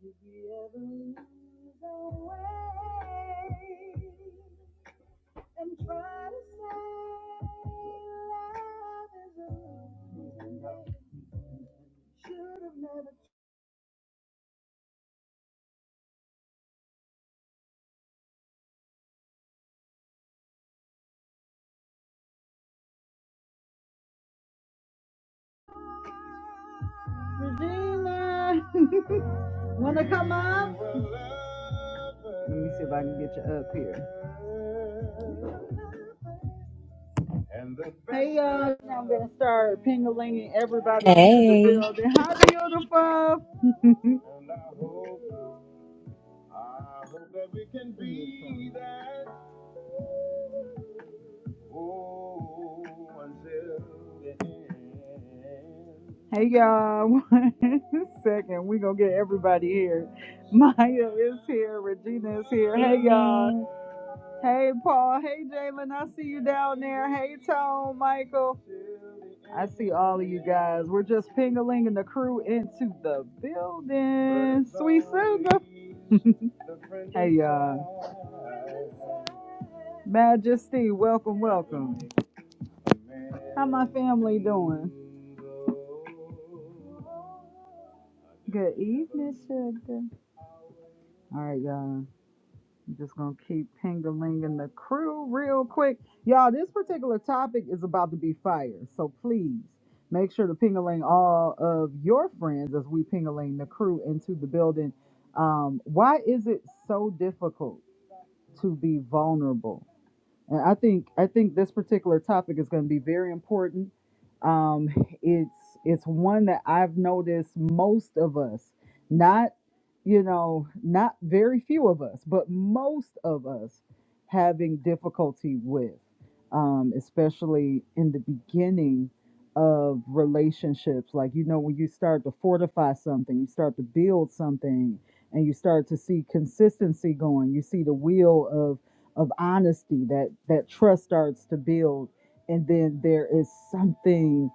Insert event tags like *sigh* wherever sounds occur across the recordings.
If you ever lose your way and try to say love is a losing should have never tried. Regina, *laughs* wanna come up? Let me see if I can get you up here. hey y'all, now I'm gonna start pingling everybody into the Hey, building. Hi, beautiful. *laughs* Hey y'all, *laughs* one second. we We're gonna get everybody here. *laughs* Maya is here, Regina is here. Good Hey y'all. evening. Hey Paul. Hey Jalen. I see you down there. Hey Tone, Michael. I see all of you guys. We're just pingling and the crew into the building. Sweet Sugar. *laughs* hey y'all. Majesty, welcome, welcome. How my family doing? Good evening, sugar. All right, y'all. I'm just gonna keep pingalinging the crew real quick. Y'all, this particular topic is about to be fire, so please make sure to pingaling all of your friends as we pingaling the crew into the building. Um, why is it so difficult to be vulnerable? and I think I think this particular topic is going to be very important. Um, it's it's one that I've noticed most of us, not you know, not very few of us, but most of us having difficulty with, um, especially in the beginning of relationships. Like you know, when you start to fortify something, you start to build something, and you start to see consistency going. You see the wheel of honesty that that trust starts to build and then there is something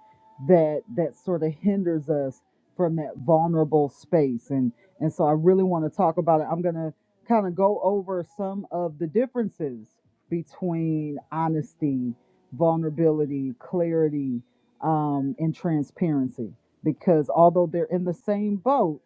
that that sort of hinders us from that vulnerable space and and so i really want to talk about it i'm going to kind of go over some of the differences between honesty vulnerability clarity um, and transparency because although they're in the same boat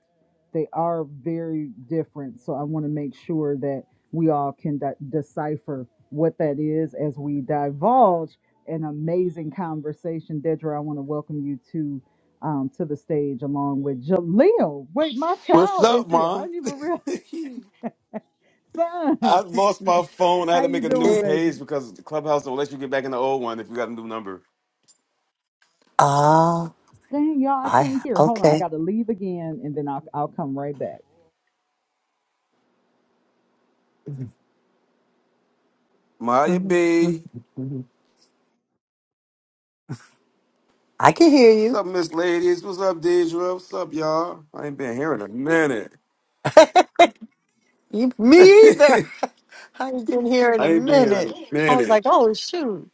they are very different so i want to make sure that we all can de- decipher what that is as we divulge an amazing conversation. Deidre, I want to welcome you to um, to the stage along with Jaleel. Wait, my What's child up, is here. I ma? didn't even real *laughs* I son. lost my *laughs* phone. I had How to make you a doing, new baby? page because the clubhouse don't let you get back in the old one if you got a new number. Ah, Dang, y'all, I I can't hear. Hold on, I okay. got to leave again, and then I'll I'll come right back. Maya B. I can hear What's you. up, Miss Ladies? What's up, Deidre? What's up, y'all? I ain't been here in a minute. You *laughs* me either. *laughs* I ain't been here I in a ain't been here in a minute. I was minute. like, oh shoot.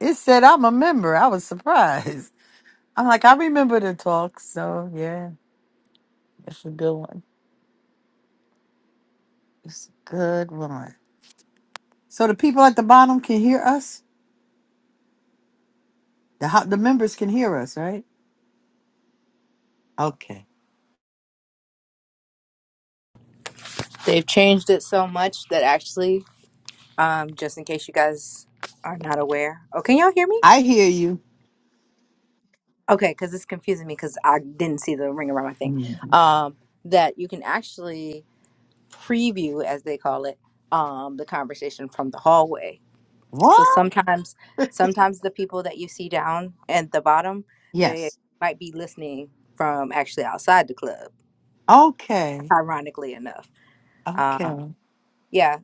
It said I'm a member. I was surprised. I'm like, I remember the talk, so yeah, it's a good one. It's a good one. So the people at the bottom can hear us? The ho- the members can hear us, right? Okay. They've changed it so much that actually, um, just in case you guys are not aware. Oh, can y'all hear me? I hear you. Okay, because it's confusing me because I didn't see the ring around my thing. Mhm. Um, that you can actually preview, as they call it, um, the conversation from the hallway. So What? sometimes, sometimes the people that you see down at the bottom, they Yes. might be listening from actually outside the club. Okay. Ironically enough. Um, Okay. Yeah,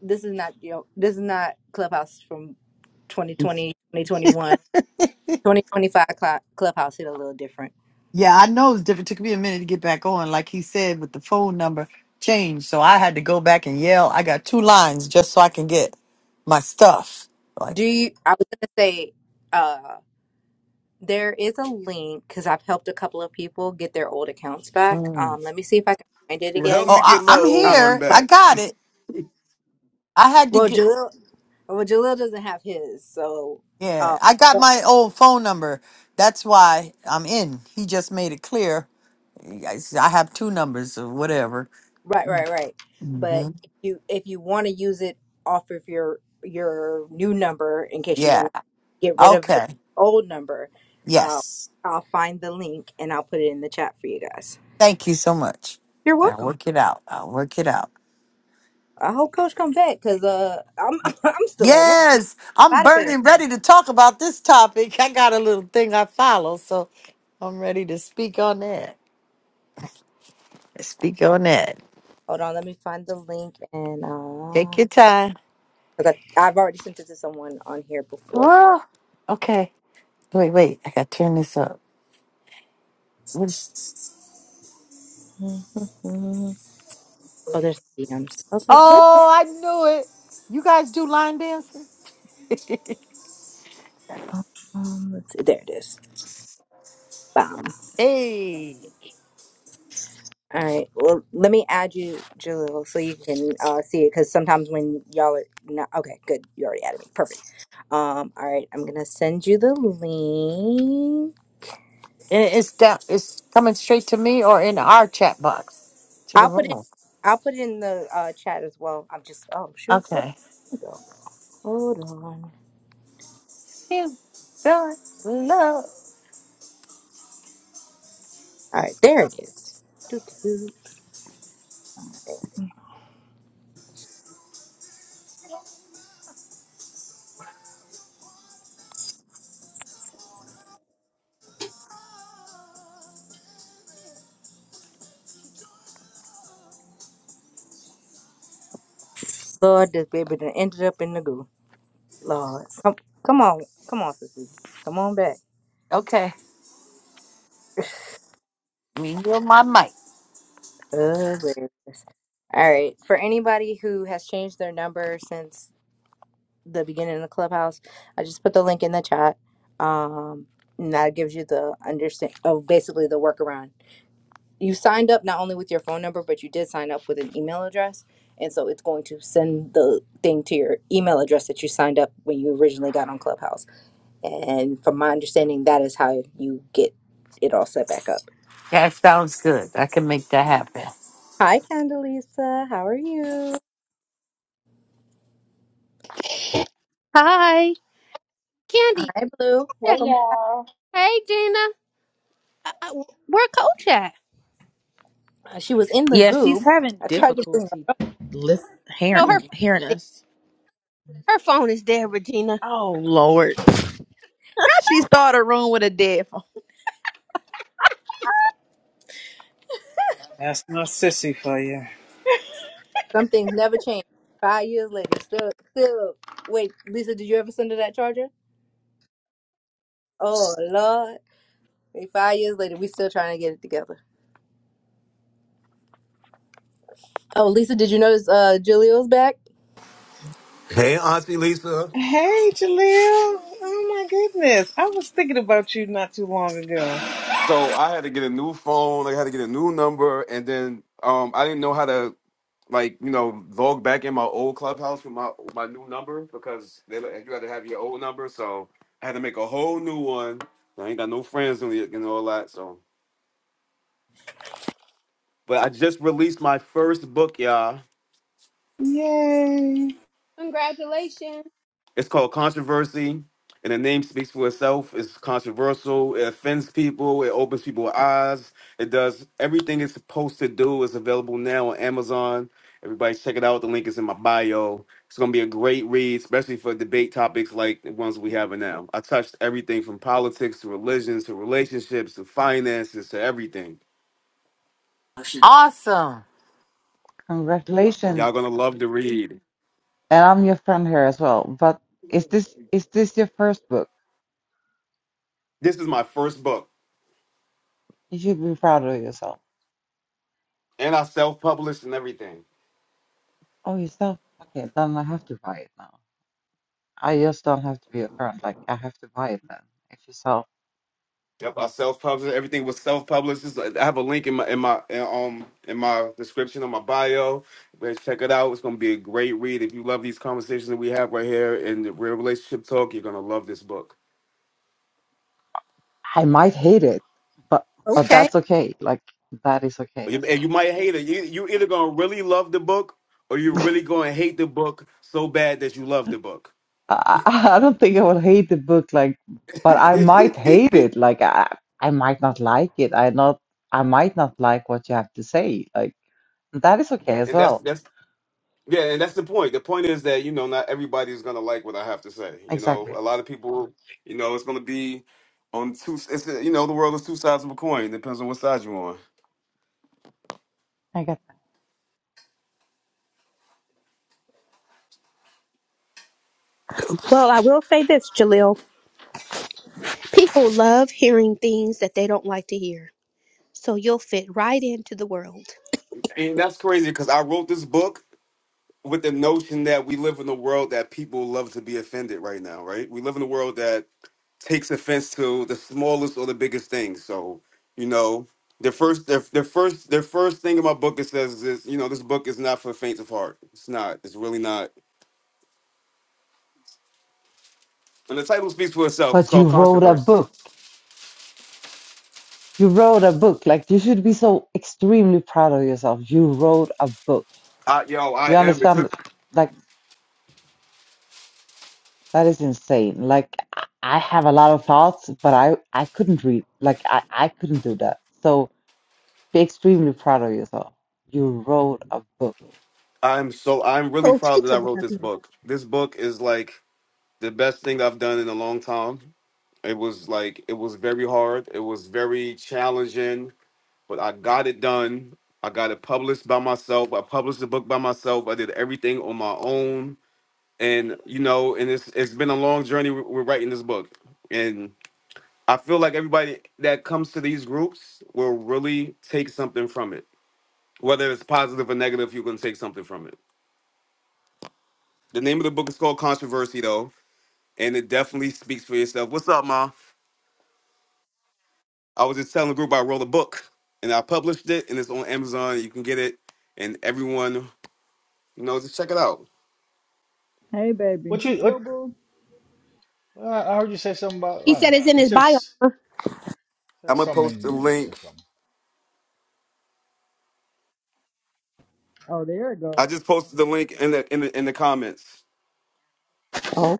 this is not you know, this is not Clubhouse from twenty twenty twenty twenty one *laughs* twenty twenty five 2021, Cl- Clubhouse hit a little different. Yeah, I know it's different. took me a minute to get back on. Like he said, with the phone number changed. So I had to go back and yell. I got two lines just so I can get my stuff. Like, Do you? I was gonna say, uh, there is a link because I've helped a couple of people get their old accounts back. mm. Um, let me see if I can find it Well, help again. oh, me I, get my I'm old Um, one here. I back. got it. I had to well, get, Jalil, well, Jalil doesn't have his, so. yeah, Um, I got my old phone number. That's why I'm in. He just made it clear. Yeah, I I have two numbers or whatever. Right, right, right. But hmm if you if you want to use it off of your your new number in case you want Yeah. to get rid of your Okay. old number, uh, Yes. I'll find the link and I'll put it in the chat for you guys. Thank you so much. You're Now welcome. work it out. I'll work it out. I hope Coach come back because uh I'm *laughs* I'm still at work. Yes, I'm Out of here. burning ready to talk about this topic. I got a little thing I follow, so I'm ready to speak on that. Speak on that. Hold on, let me find the link and Take uh your time. 'cause I, I've already sent it to someone on here before. Oh, okay. Wait, wait. I got to turn this up. What is- *laughs* Oh, there's DMs. I was like, where? Oh, I knew it. You guys do line dancing? Um, let's see. There it is. Bam. Hey, All right. Well, let me add you, Jalil, so you can uh, see it. Because sometimes when y'all are not okay, good. You already added me. Perfect. Um. All right. I'm gonna send you the link. and it's down. It's coming straight to me or in our chat box to the I'll put it. room. I'll put it in the uh, chat as well. I'm just. Oh shoot. Where Okay. did it go? Hold on. All You don't love. right. There it is. Doo, doo, doo. All right. Lord, this baby done ended up in the goo. Lord, come, come on, come on, sissy, come on back. Okay. Me, hear my mic. Hilarious. All right. For anybody who has changed their number since the beginning of the clubhouse, I just put the link in the chat. Um, and that gives you the understand of basically the workaround. You signed up not only with your phone number, but you did sign up with an email address. And so it's going to send the thing to your email address that you signed up when you originally got on Clubhouse. And from my understanding, that is how you get it all set back up. That sounds good. I can make that happen. Hi, Candelisa. How are you? Hi, Candy. Hi, Blue. Yeah. Welcome Hey, Gina. Uh, uh, where Coach at? Uh, She was in the yeah, she's goo. having I tried to bring her. difficulty listen, No, her hearing phone is hearing dead. us. her phone is dead, Regina. Oh Lord. *laughs* How she started a room with a dead phone. That's my sissy for you. Some things never change. Five years later, still, still. Wait, Lisa, did you ever send her that charger? Oh Lord! Wait, Five years later, we still trying to get it together. Oh, Lisa, did you notice uh Julio's back? Hey, Auntie Lisa. Hey, Jaleel. Oh my goodness. I was thinking about you not too long ago. So I had to get a new phone. I had to get a new number, and then um, I didn't know how to. like you know log back in my old clubhouse with my my new number because they let- you had to have your old number so i had to make a whole new one i ain't got no friends and you know all that so but i just released my first book y'all Yay. Congratulations. It's called controversy, and the name speaks for itself. It's controversial. It offends people. It opens people's eyes. It does everything it's supposed to do. It's available now on Amazon. Everybody, check it out. The link is in my bio. It's gonna be a great read, especially for debate topics like the ones we have now. I touched everything from politics to religions to relationships to finances to everything. Awesome. Congratulations. Y'all gonna love to read. And I'm your friend here as well. But is this is this your first book? This is my first book, You should be proud of yourself. and I self-published and everything. Oh, yourself? Okay, then I have to buy it now. I just don't have to be a friend. Like I have to buy it then. If you sell, Yep, I self-published. Everything was self-published. It's- like, I have a link in my in my in, um in my description on my bio. Guys, check it out. It's gonna be a great read. If you love these conversations that we have right here in the Real Relationship Talk, you're gonna love this book. I might hate it, but but Okay. that's okay. Like that is okay You- as And well. you might hate it. You you either gonna really love the book or you're really gonna hate the book so bad that you love the book. I, I *laughs* I don't think I will hate the book. Like, *laughs* but I might hate it. Like I I might not like it. I not I might not like what you have to say. Like that is okay as and that's well. that's Yeah, and that's the point. The point is that, you know, not everybody's gonna like what I have to say. You know, Exactly. a lot of people, you know, it's gonna be on two. It's you know, the world is two sides of a coin. It depends on what side you're on. I got that. Well, I will say this, Jaleel. People love hearing things that they don't like to hear, so you'll fit right into the world. And that's crazy because I wrote this book with the notion that we live in a world that people love to be offended right now. Right? We live in a world that takes offense to the smallest or the biggest things. So, you know. The first, the, the first, the first thing in my book it says is, you know, this book is not for the faint of heart. It's not. It's really not And the title speaks for itself. It's But called you wrote a Controversy. book. You wrote a book. Like you should be so extremely proud of yourself. You wrote a book. I, yo, I You am. It understand? took. Like that is insane. Like I I have a lot of thoughts, but I I couldn't read. Like I I couldn't do that. So be extremely proud of yourself. You wrote a book. I'm so. I'm really Coach, proud get that your I butt wrote up this here. book. This book is like the best thing I've done in a long time. It was like it was very hard. It was very challenging, but I got it done. I got it published by myself. I published the book by myself. I did everything on my own, and you know, and it's it's been a long journey with with writing this book, and I feel like everybody that comes to these groups will really take something from it whether it's positive or negative, you can take something from it. The name of the book is called Controversy, though, and it definitely speaks for itself. What's up, ma? I was just telling the group I wrote a book and I published it, and it's on Amazon. You can get it, and everyone, you know, just check it out. Hey, baby. What you what? Uh, I heard you say something about He I don't said know. it's in You his said bio. s- huh? said I'm gonna something. post the You said link. something. Oh, there it goes. I just posted the link in the in the in the comments. Oh.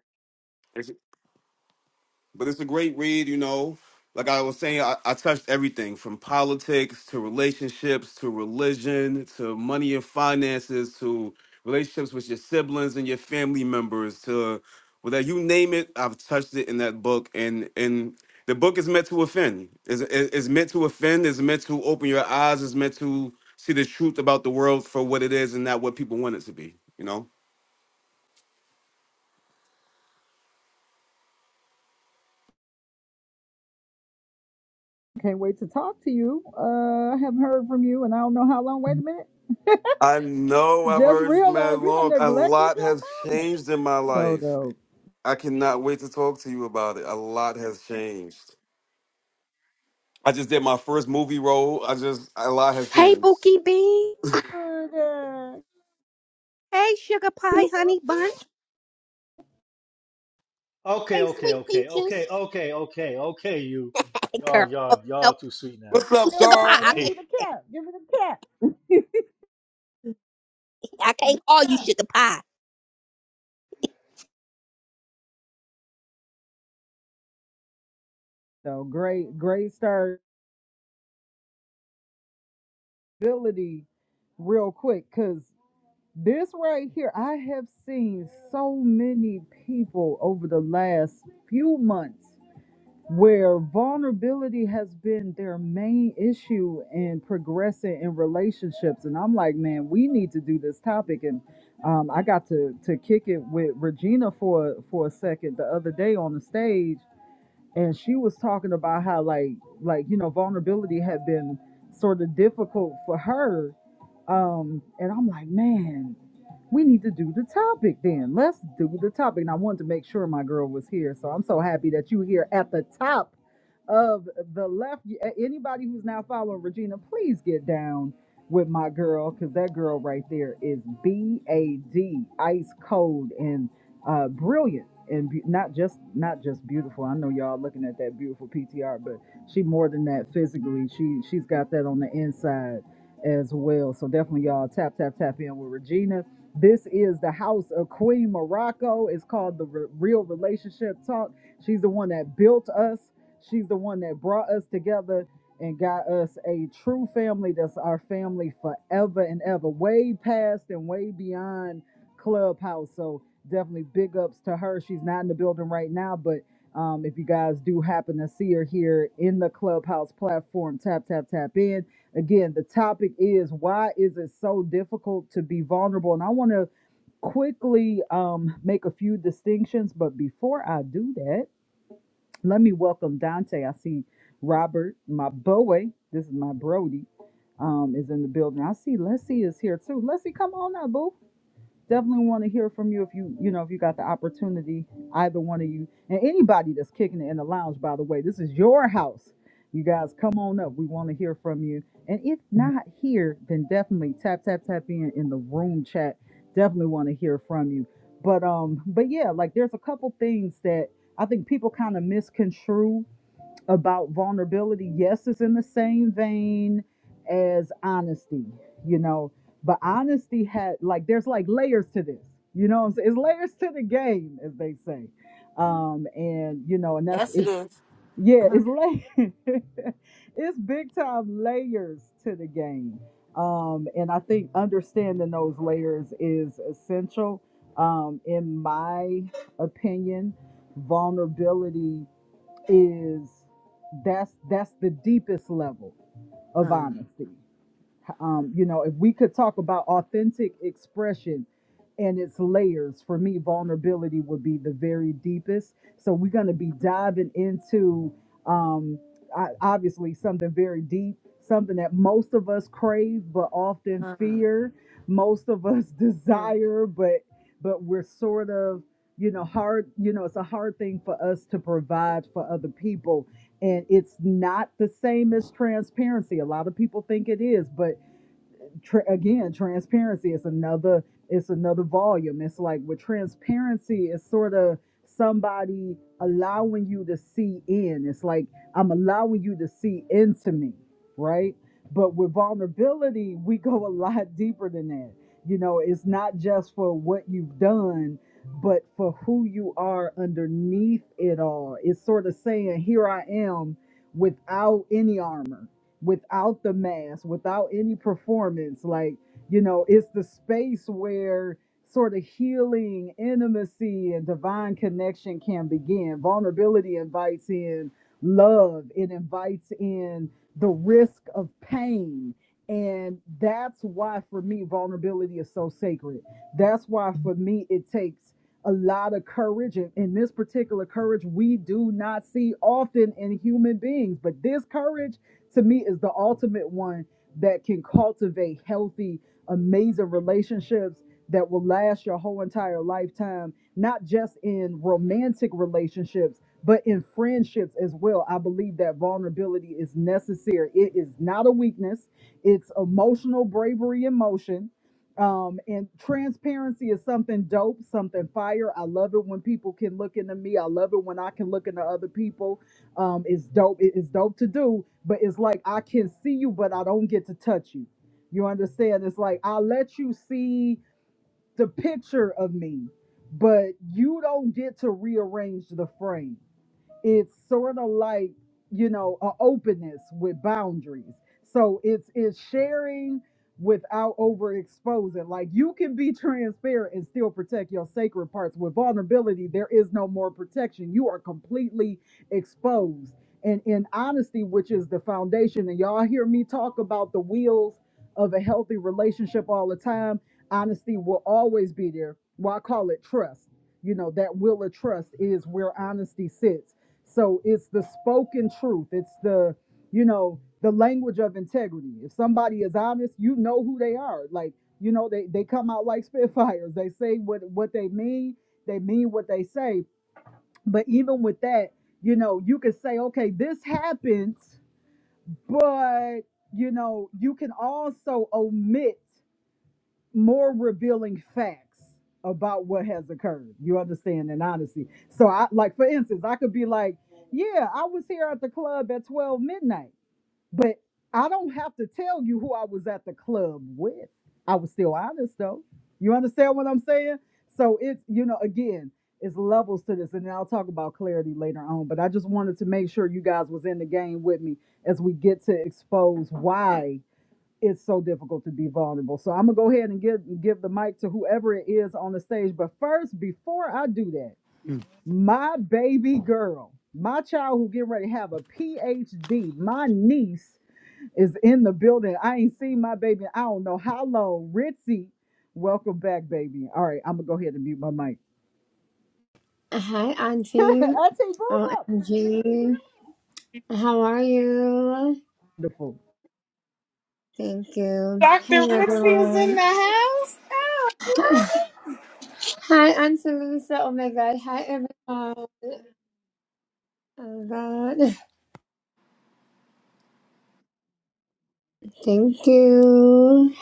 But it's a great read, you know. Like I was saying, I, I touched everything from politics to relationships to religion to money and finances to relationships with your siblings and your family members to whether you name it, I've touched it in that book. And and the book is meant to offend. Is is meant to offend. Is meant to open your eyes. Is meant to see the truth about the world for what it is and not what people want it to be. You know. Can't wait to talk to you. Uh, I haven't heard from you, and I don't know how long. Wait a minute. I know I've Just heard mad realize you done long. A neglected lot your has mama. changed in my So life. dope. I cannot wait to talk to you about it. A lot has changed. I just did my first movie role. I just a lot has Hey, changed. Bookie Bee. good. Uh, Hey, Sugar Pie Honey Bun. Okay, Hey, okay, Sweet okay, okay, Peaches. okay, okay, okay. You Hey, girl. y'all Oh, y'all no, y'all too sweet now. What's up, yeah, Sugar Pie. Carl? why? *laughs* I Give can't, me Hey, the cap. Give me the cap. I can't call you Sugar Pie. So great, great start ability, real quick, cause this right here, I have seen so many people over the last few months where vulnerability has been their main issue in progressing in relationships and i'm like man we need to do this topic and um, i got to to kick it with regina for for a second the other day on the stage and she was talking about how like like you know vulnerability had been sort of difficult for her um and i'm like man we need to do the topic then. Let's do the topic. And I wanted to make sure my girl was here. So I'm so happy that you are here at the top of the left. Anybody who's now following Regina, please get down with my girl because that girl right there is B-A-D, ice cold and uh, brilliant. And be- not just not just beautiful. I know y'all looking at that beautiful PTR, but she more than that physically. She she's got that on the inside as well. So definitely y'all tap tap tap in with Regina this is the house of Queen Morocco. It's called the Re- Real Relationship Talk. She's the one that built us. She's the one that brought us together and got us a true family that's our family forever and ever, way past and way beyond Clubhouse. So definitely big ups to her. She's not in the building right now, but um, if you guys do happen to see her here in the Clubhouse platform, tap, tap, tap in Again, the topic is why is it so difficult to be vulnerable? And I want to quickly um, make a few distinctions, but before I do that, let me welcome Dante. I see Robert, my boy. This is my Brody, um, is in the building. I see Leslie is here too. Leslie, come on now, boo definitely want to hear from you if you you know if you got the opportunity either one of you and anybody that's kicking it in the lounge by the way this is your house you guys come on up we want to hear from you and if not here then definitely tap tap tap in in the room chat definitely want to hear from you but um but yeah like there's a couple things that i think people kind of misconstrue about vulnerability. Yes, it's in the same vein as honesty, you know, but honesty had like there's like layers to this, you know what I'm saying? It's layers to the game, as they say. Um, and you know, and that's Yes, it it is. yeah, it's Mhm. lay *laughs* it's big time layers to the game. Um, and I think understanding those layers is essential. Um, in my opinion, vulnerability is that's that's the deepest level of Mm, honesty um, you know, if we could talk about authentic expression and its layers, for me, vulnerability would be the very deepest. So we're going to be diving into um, I, obviously something very deep, something that most of us crave, but often mm, fear. Most of us *laughs* mm, desire, but but we're sort of you know hard you know it's a hard thing for us to provide for other people and it's not the same as transparency a lot of people think it is but tra- again transparency is another it's another volume it's like with transparency it's sort of somebody allowing you to see in it's like i'm allowing you to see into me right but with vulnerability we go a lot deeper than that you know it's not just for what you've done but for who you are underneath it all it's sort of saying here i am without any armor without the mask, without any performance. Like, you know, it's the space where sort of healing, intimacy, and divine connection can begin. Vulnerability invites in love, it invites in the risk of pain. And that's why, for me, vulnerability is so sacred. That's why, for me, it takes a lot of courage. And in this particular courage, we do not see often in human beings, but this courage to me is the ultimate one that can cultivate healthy, amazing relationships that will last your whole entire lifetime, not just in romantic relationships, but in friendships as well. I believe that vulnerability is necessary. It is not a weakness, it's emotional bravery in motion. Um, and transparency is something dope, something fire. I love it when people can look into me. I love it when I can look into other people um it's dope it is dope to do but it's like i can see you but i don't get to touch you you understand it's like i let you see the picture of me but you don't get to rearrange the frame it's sort of like you know an openness with boundaries so it's it's sharing without overexposing like you can be transparent and still protect your sacred parts with vulnerability there is no more protection you are completely exposed and in honesty which is the foundation and y'all hear me talk about the wheels of a healthy relationship all the time honesty will always be there well i call it trust you know that will of trust is where honesty sits so it's the spoken truth. It's the, you know, the language of integrity. If somebody is honest, you know who they are. Like, you know, they, they come out like *laughs* spitfires. They say what, what they mean, they mean what they say. But even with that, you know, you could say, okay, this happens, but you know, you can also omit more revealing facts about what has occurred. You understand and honesty. So I like for instance, I could be like, Yeah, I was here at the club at 12 midnight, but I don't have to tell you who I was at the club with. I was still honest though. You understand what I'm saying? So it's you know, again, it's levels to this, and then I'll talk about clarity later on. But I just wanted to make sure you guys was in the game with me as we get to expose why it's so difficult to be vulnerable. So I'm gonna go ahead and give give the mic to whoever it is on the stage. But first, before I do that, mm. my baby girl, my child who getting ready to have a PhD, my niece is in the building. I ain't seen my baby. in I don't know how long. Ritzy, welcome back, baby. All right, I'm gonna go ahead and mute my mic. Hi, *laughs* Auntie Auntie. Boo OMG. How are you? Wonderful. Thank you. Dr. Hello, Rixie is in everyone. the house. *laughs* Oh, Hi, Auntie Lisa. Oh my God. Hi, everyone. Oh God. *laughs* Thank you.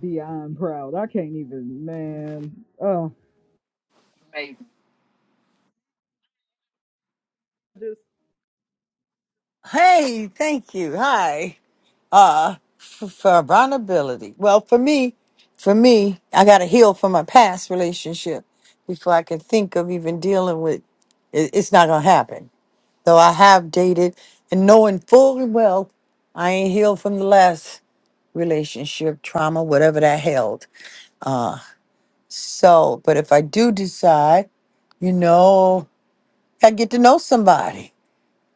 Beyond proud. I can't even, man. Oh. Hey, thank you. Hi. uh f- for vulnerability well for me for me i got to heal from my past relationship before i can think of even dealing with it, it's not gonna happen though i have dated and knowing full well i ain't healed from the last relationship trauma whatever that held so but if i do decide you know i get to know somebody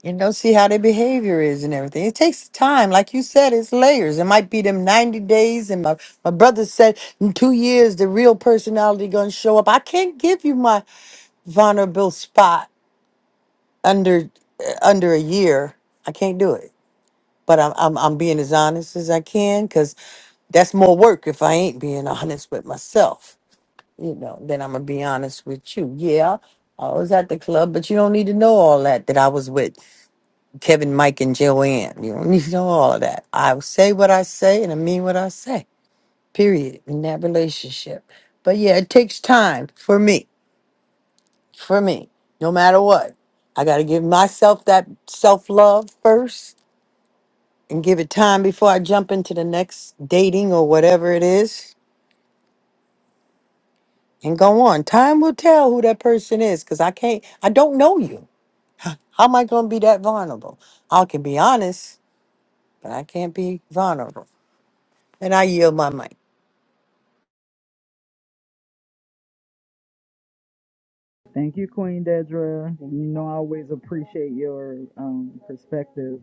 and go see how their behavior is and everything. It takes time, like you said, it's layers. It might be them ninety days, and my my brother said in two years the real personality gonna show up. I can't give you my vulnerable spot under uh, under a year. I can't do it. But I'm I'm, I'm being as honest as I can because that's more work if I ain't being *laughs* honest with myself. You know, then I'm gonna be honest with you. Yeah, I was at the club, but you don't need to know all that that I was with. Kevin, Mike, and Joanne. You don't need all of that. I say what I say and I mean what I say, period, in that relationship. But yeah, it takes time for me, for me, no matter what. I got to give myself that self love first and give it time before I jump into the next dating or whatever it is and go on. Time will tell who that person is because I can't, I don't know you. How am I going to be that vulnerable? I can be honest, but I can't be vulnerable. And I yield my mic. Thank you, Queen Dedra. You know, I always appreciate your um, perspective.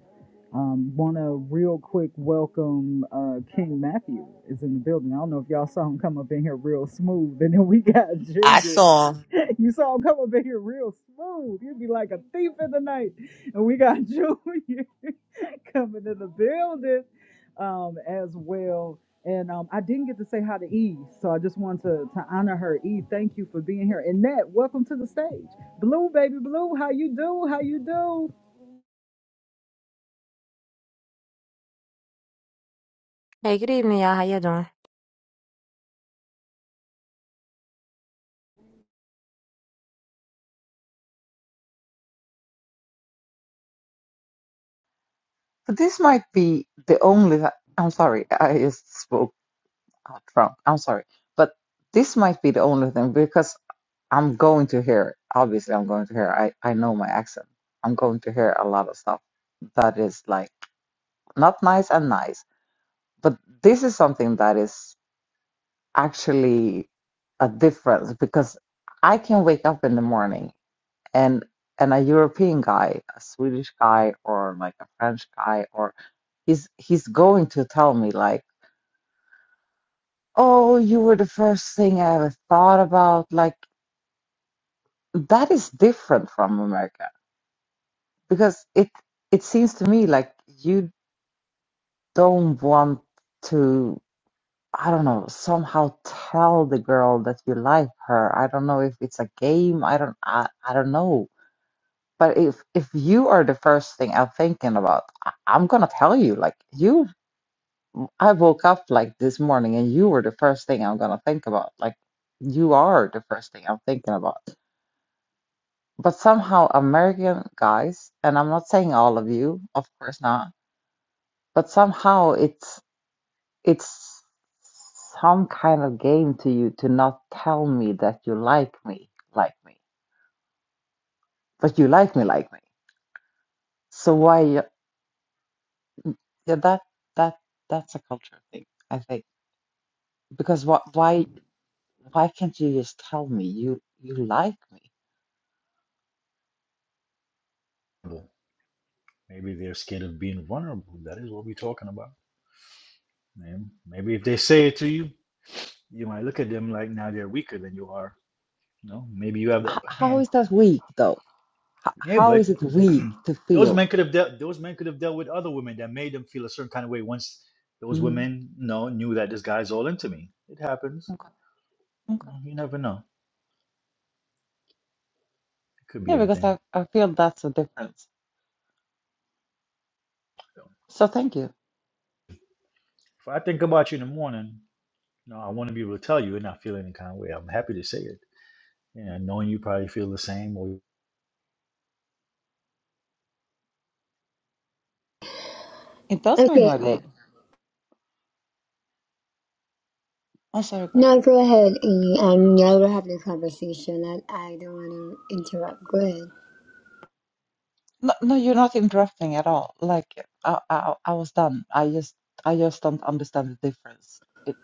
Um, Want to real quick welcome uh, King Matthew is in the building. I don't know if y'all saw him come up in here real smooth, and then we got *laughs* I Junior. saw *laughs* You saw him come up in here real smooth. You'd be like a thief in the night, and we got *laughs* Junior *laughs* coming in the building um, as well. And um, I didn't get to say hi to Eve, so I just wanted to, to honor her. Eve, thank you for being here. Annette, welcome to the stage. Blue, baby blue, how you do? How you do? Hey, good evening, y'all. How you doing? But this might be the only. Th I'm sorry. I just spoke out wrong. I'm sorry. But this might be the only thing because I'm going to hear it. Obviously, I'm going to hear it. I, I know my accent. I'm going to hear a lot of stuff that is like not nice and nice. But this is something that is actually a difference because I can wake up in the morning and and a European guy, a Swedish guy or like a French guy or he's he's going to tell me like, "Oh, you were the first thing I ever thought about." Like that is different from America because it it seems to me like you don't want to i don't know somehow tell the girl that you like her i don't know if it's a game i don't i, I don't know but if if you are the first thing i'm thinking about I, i'm gonna tell you like you i woke up like this morning and you were the first thing i'm gonna think about like you are the first thing i'm thinking about but somehow american guys and i'm not saying all of you of course not but somehow it's It's some kind of game to you to not tell me that you like me, like me. But you like me, like me. So why? you- Yeah, that that that's a culture thing, I think. Because what? Why? Why can't you just tell me you you like me? Well, maybe they're scared of being vulnerable. That is what we're talking about. Man, maybe if they say it to you, you might look at them like now they're weaker than you are. You know, maybe you have the H upper how hand. is that weak though? H Yeah, how but is it *clears throat* weak to those feel? men could have dealt those men could have dealt with other women that made them feel a certain kind of way once those hmm women, you know, knew that this guy's all into me. It happens. Okay. You know, Okay. you never know. It could be Yeah, because anything. I I feel that's a difference. So thank you. If I think about you in the morning, you know, I want to be able to tell you and not feel any kind of way. I'm happy to say it. Yeah, knowing you probably feel the same or It does make Okay. my day. I'm sorry, girl. Now go ahead. and Um, now we're having a conversation. I, I don't want to interrupt. Go ahead. No, no, you're not interrupting at all. Like I, I, I was done. I just, I just don't understand the difference. It,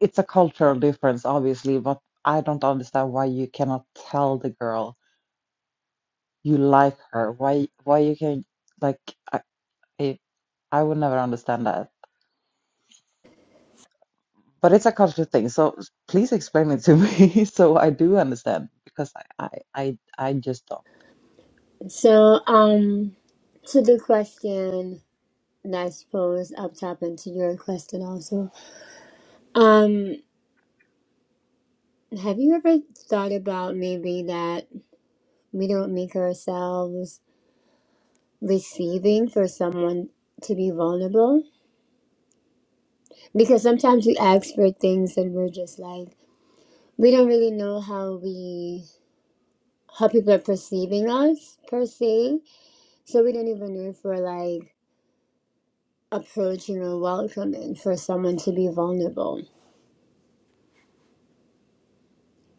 it's a cultural difference, obviously, but I don't understand why you cannot tell the girl you like her. Why, why you can like, I, I, I would never understand that. But it's a cultural thing, so please explain it to me *laughs* so I do understand because I, I, I, I just don't. So, um, to the question that's posed up top and to your question also. Um, Have you ever thought about maybe that we don't make ourselves receiving for someone to be vulnerable? Because sometimes we ask for things and we're just like, we don't really know how we how people are perceiving us per se. So we don't even know if we're like approaching or welcoming for someone to be vulnerable.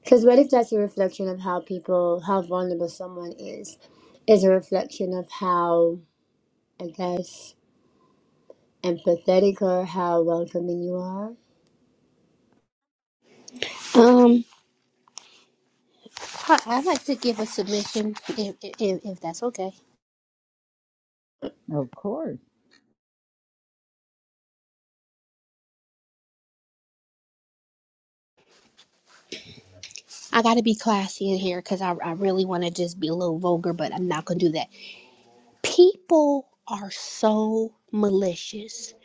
Because what if that's a reflection of how people, how vulnerable someone is, is a reflection of how, I guess empathetic or how welcoming you are. Um. Hi, I'd like to give a submission if, if, if that's okay. Of course, I got to be classy in here because I, I really want to just be a little vulgar, but I'm not going to do that. People are so malicious.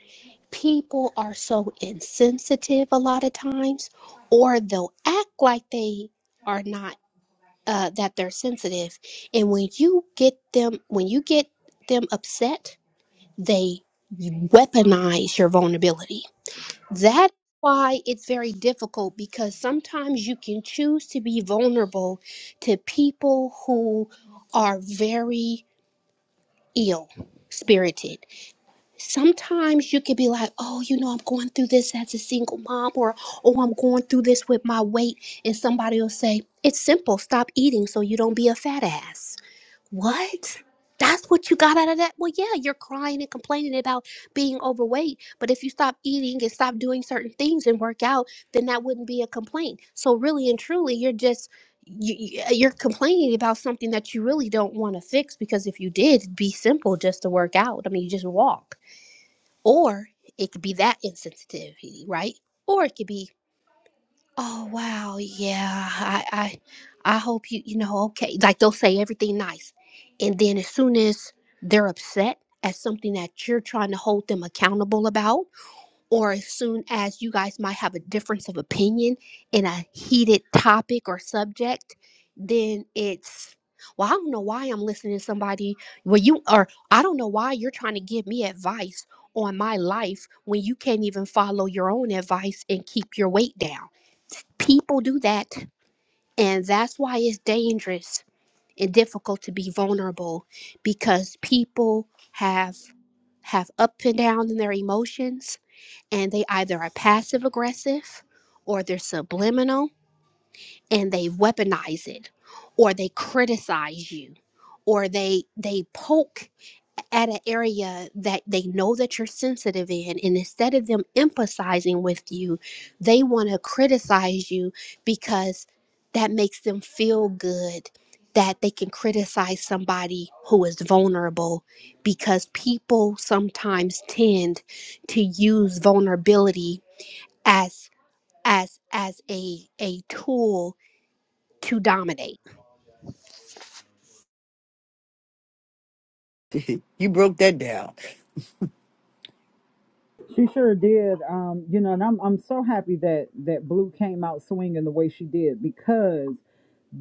People are so insensitive a lot of times, or they'll act like they are not, uh, that they're sensitive. And when you get them, when you get them upset, they weaponize your vulnerability That's why it's very difficult because sometimes you can choose to be vulnerable to people who are very ill spirited. Sometimes you can be like, oh, you know, I'm going through this as a single mom, or oh, I'm going through this with my weight. And somebody will say, it's simple, stop eating so you don't be a fat ass what? That's what you got out of that? Well, yeah, you're crying and complaining about being overweight, but if you stop eating and stop doing certain things and work out, then that wouldn't be a complaint. So really and truly, you're just you, you- uh, you're complaining about something that you really don't want to fix because if you did, it'd be simple just to work out. I mean, you just walk. Or it could be that insensitivity, right? Or it could be Oh wow, yeah. I I I hope you you know, okay. Like they'll say everything nice. And then as soon as they're upset at something that you're trying to hold them accountable about, or as soon as you guys might have a difference of opinion in a heated topic or subject, then it's well, I don't know why I'm listening to somebody. Well, you or I don't know why you're trying to give me advice on my life when you can't even follow your own advice and keep your weight down. People do that, and that's why it's dangerous and difficult to be vulnerable because people have have up and down in their emotions and they either are passive aggressive or they're subliminal and they weaponize it or they criticize you or they they poke at an area that they know that you're sensitive in and instead of them empathizing with you they want to criticize you because that makes them feel good that they can criticize somebody who is vulnerable because people sometimes tend to use vulnerability as as as a a tool to dominate. *laughs* you broke that down. she sure did. Um, you know, and I'm I'm so happy that that Blue came out swinging the way she did because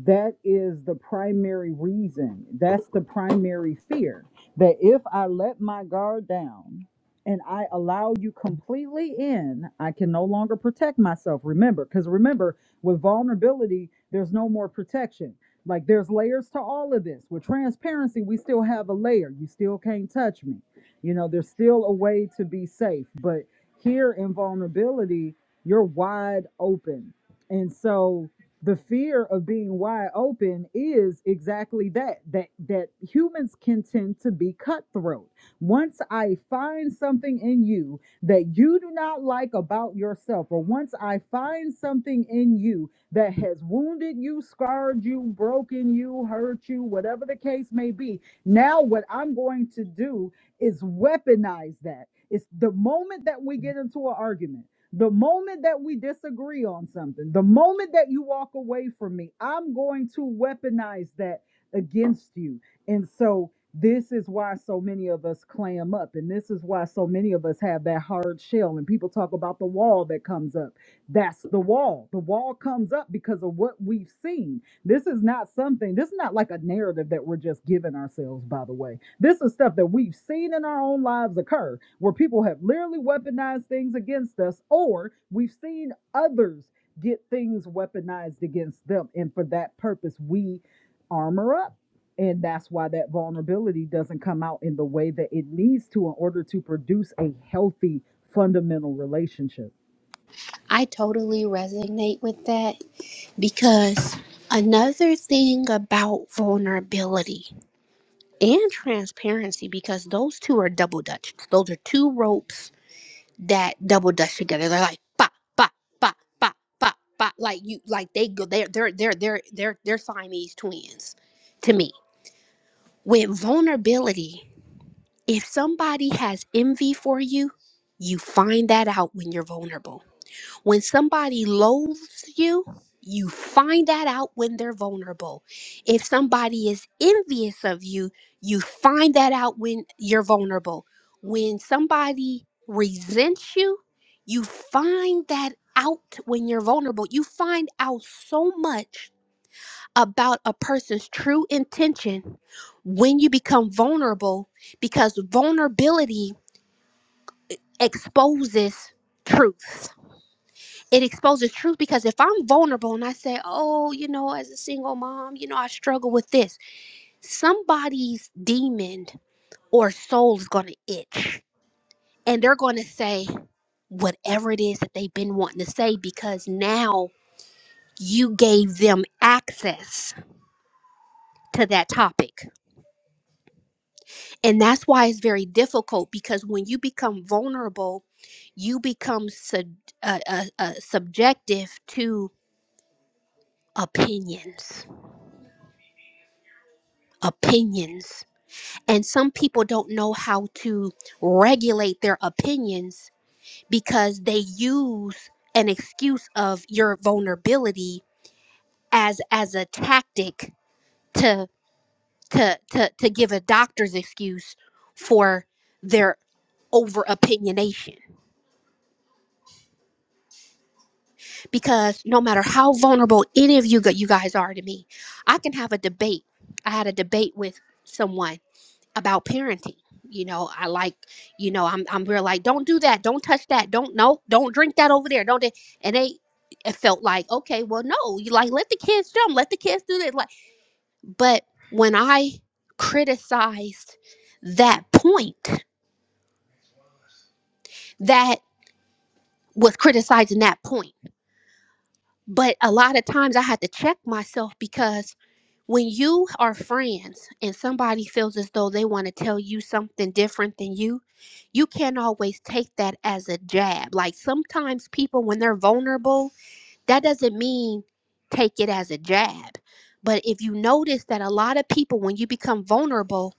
that is the primary reason. That's the primary fear that if I let my guard down and I allow you completely in, I can no longer protect myself. Remember, because remember, with vulnerability, there's no more protection. Like there's layers to all of this. With transparency, we still have a layer. You still can't touch me. You know, there's still a way to be safe. But here in vulnerability, you're wide open. And so, the fear of being wide open is exactly that that that humans can tend to be cutthroat once i find something in you that you do not like about yourself or once i find something in you that has wounded you scarred you broken you hurt you whatever the case may be now what i'm going to do is weaponize that it's the moment that we get into an argument the moment that we disagree on something, the moment that you walk away from me, I'm going to weaponize that against you. And so this is why so many of us clam up and this is why so many of us have that hard shell and people talk about the wall that comes up. That's the wall. The wall comes up because of what we've seen. This is not something, this is not like a narrative that we're just giving ourselves by the way. This is stuff that we've seen in our own lives occur, where people have literally weaponized things against us, or we've seen others get things weaponized against them. And for that purpose, we armor up. And that's why that vulnerability doesn't come out in the way that it needs to in order to produce a healthy fundamental relationship. I totally resonate with that because another thing about vulnerability and transparency because those two are double dutch. Those are two ropes that double dutch together. They're like ba ba ba ba ba ba like you like they go they're they're they're they're they're they're Siamese twins to me. With vulnerability If somebody has envy for you, you find that out when you're vulnerable. When somebody loathes you, you find that out when they're vulnerable. If somebody is envious of you, you find that out when you're vulnerable. When somebody resents you, you find that out when you're vulnerable. You find out so much about a person's true intention when you become vulnerable because vulnerability exposes truth. It exposes truth because if I'm vulnerable and I say, oh, you know, as a single mom, you know, I struggle with this, somebody's demon or soul is going to itch and they're going to say whatever it is that they've been wanting to say because now you gave them access to that topic And that's why it's very difficult because when you become vulnerable, you become sub, uh, uh, uh, subjective to opinions. Opinions. And some people don't know how to regulate their opinions because they use an excuse of your vulnerability as as a tactic to to to, to give a doctor's excuse for their over opinionation because no matter how vulnerable any of you gu- you guys are to me, I can have a debate. I had a debate with someone about parenting. You know, I like, you know, I'm I'm real like, don't do that, don't touch that, don't no, don't drink that over there, don't. They, and they it felt like, okay, well, no, you like let the kids jump, let the kids do this. Like, but when I criticized that point, that was criticizing that point. But a lot of times I had to check myself because when you are friends and somebody feels as though they want to tell you something different than you, you can't always take that as a jab. Like sometimes people, when they're vulnerable, that doesn't mean take it as a jab. But if you notice that a lot of people, when you become vulnerable,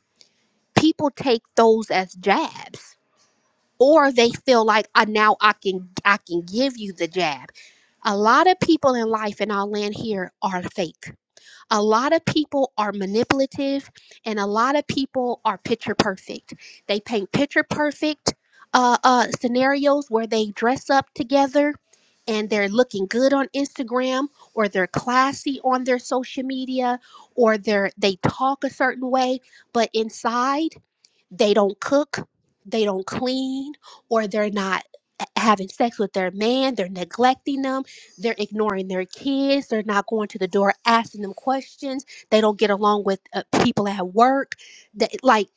people take those as jabs. Or they feel like I now I can I can give you the jab. A lot of people in life, and I'll land here, are fake a lot of people are manipulative and a lot of people are picture perfect. They paint picture perfect uh, uh, scenarios where they dress up together and they're looking good on Instagram or they're classy on their social media or they're they talk a certain way, but inside they don't cook, they don't clean, or they're not having sex with their man, they're neglecting them, they're ignoring their kids, they're not going to the door asking them questions, they don't get along with uh, people at work. They, like,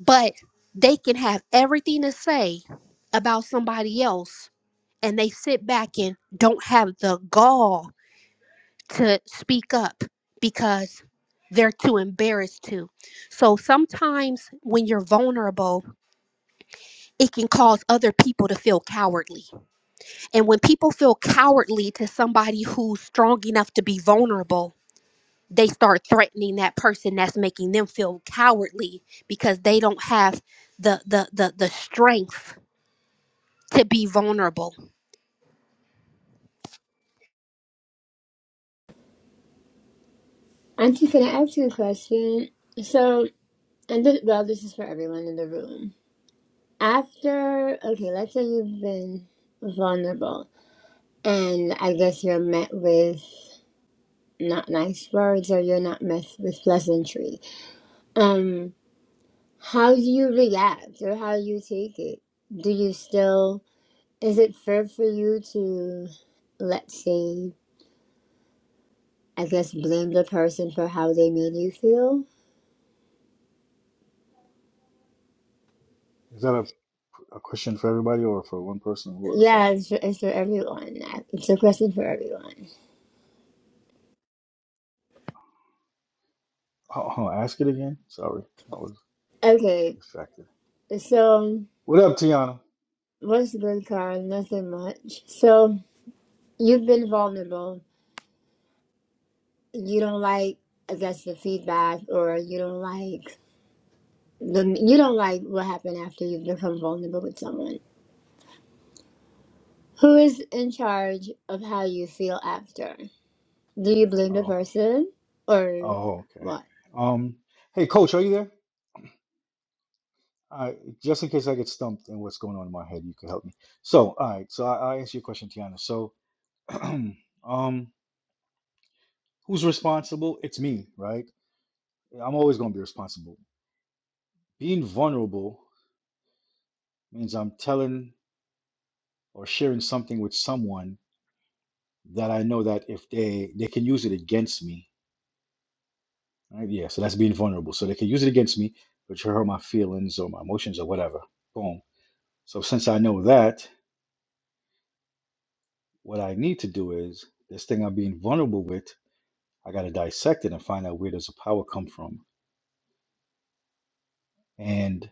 but they can have everything to say about somebody else and they sit back and don't have the gall to speak up because they're too embarrassed to. So sometimes when you're vulnerable, it can cause other people to feel cowardly. And when people feel cowardly to somebody who's strong enough to be vulnerable, they start threatening that person that's making them feel cowardly because they don't have the the the, the strength to be vulnerable. Auntie, can I ask you a question? So, and this, well, this is for everyone in the room. After, okay, let's say you've been vulnerable, and I guess you're met with not nice words or you're not met with pleasantry. Um, how do you react or how you take it? Do you still, is it fair for you to, let's say, I guess, blame the person for how they made you feel? Is that a, a question for everybody or for one person? Who was that? Yeah, it's for, it's for everyone. It's a question for everyone. Oh, oh, ask it again. Sorry, I was Okay, distracted. so What up, Tiana? what's good, Carl? Nothing much. So you've been vulnerable. You don't like, I guess, the feedback, or you don't like the you don't like what happened after you've become vulnerable with someone. Who is in charge of how you feel after? Do you blame the Oh, person or oh, okay. what? Um, hey, Coach, are you there? Uh, just in case I get stumped and what's going on in my head, you could help me. So, all right. So I, I'll answer your question, Tiana. So, *clears throat* um, who's responsible? It's me, right? I'm always going to be responsible. Being vulnerable means I'm telling or sharing something with someone that I know that if they they can use it against me, right? Yeah. So that's being vulnerable. So they can use it against me, which hurt my feelings or my emotions or whatever. Boom. So since I know that, what I need to do is this thing I'm being vulnerable with. I got to dissect it and find out where does the power come from. And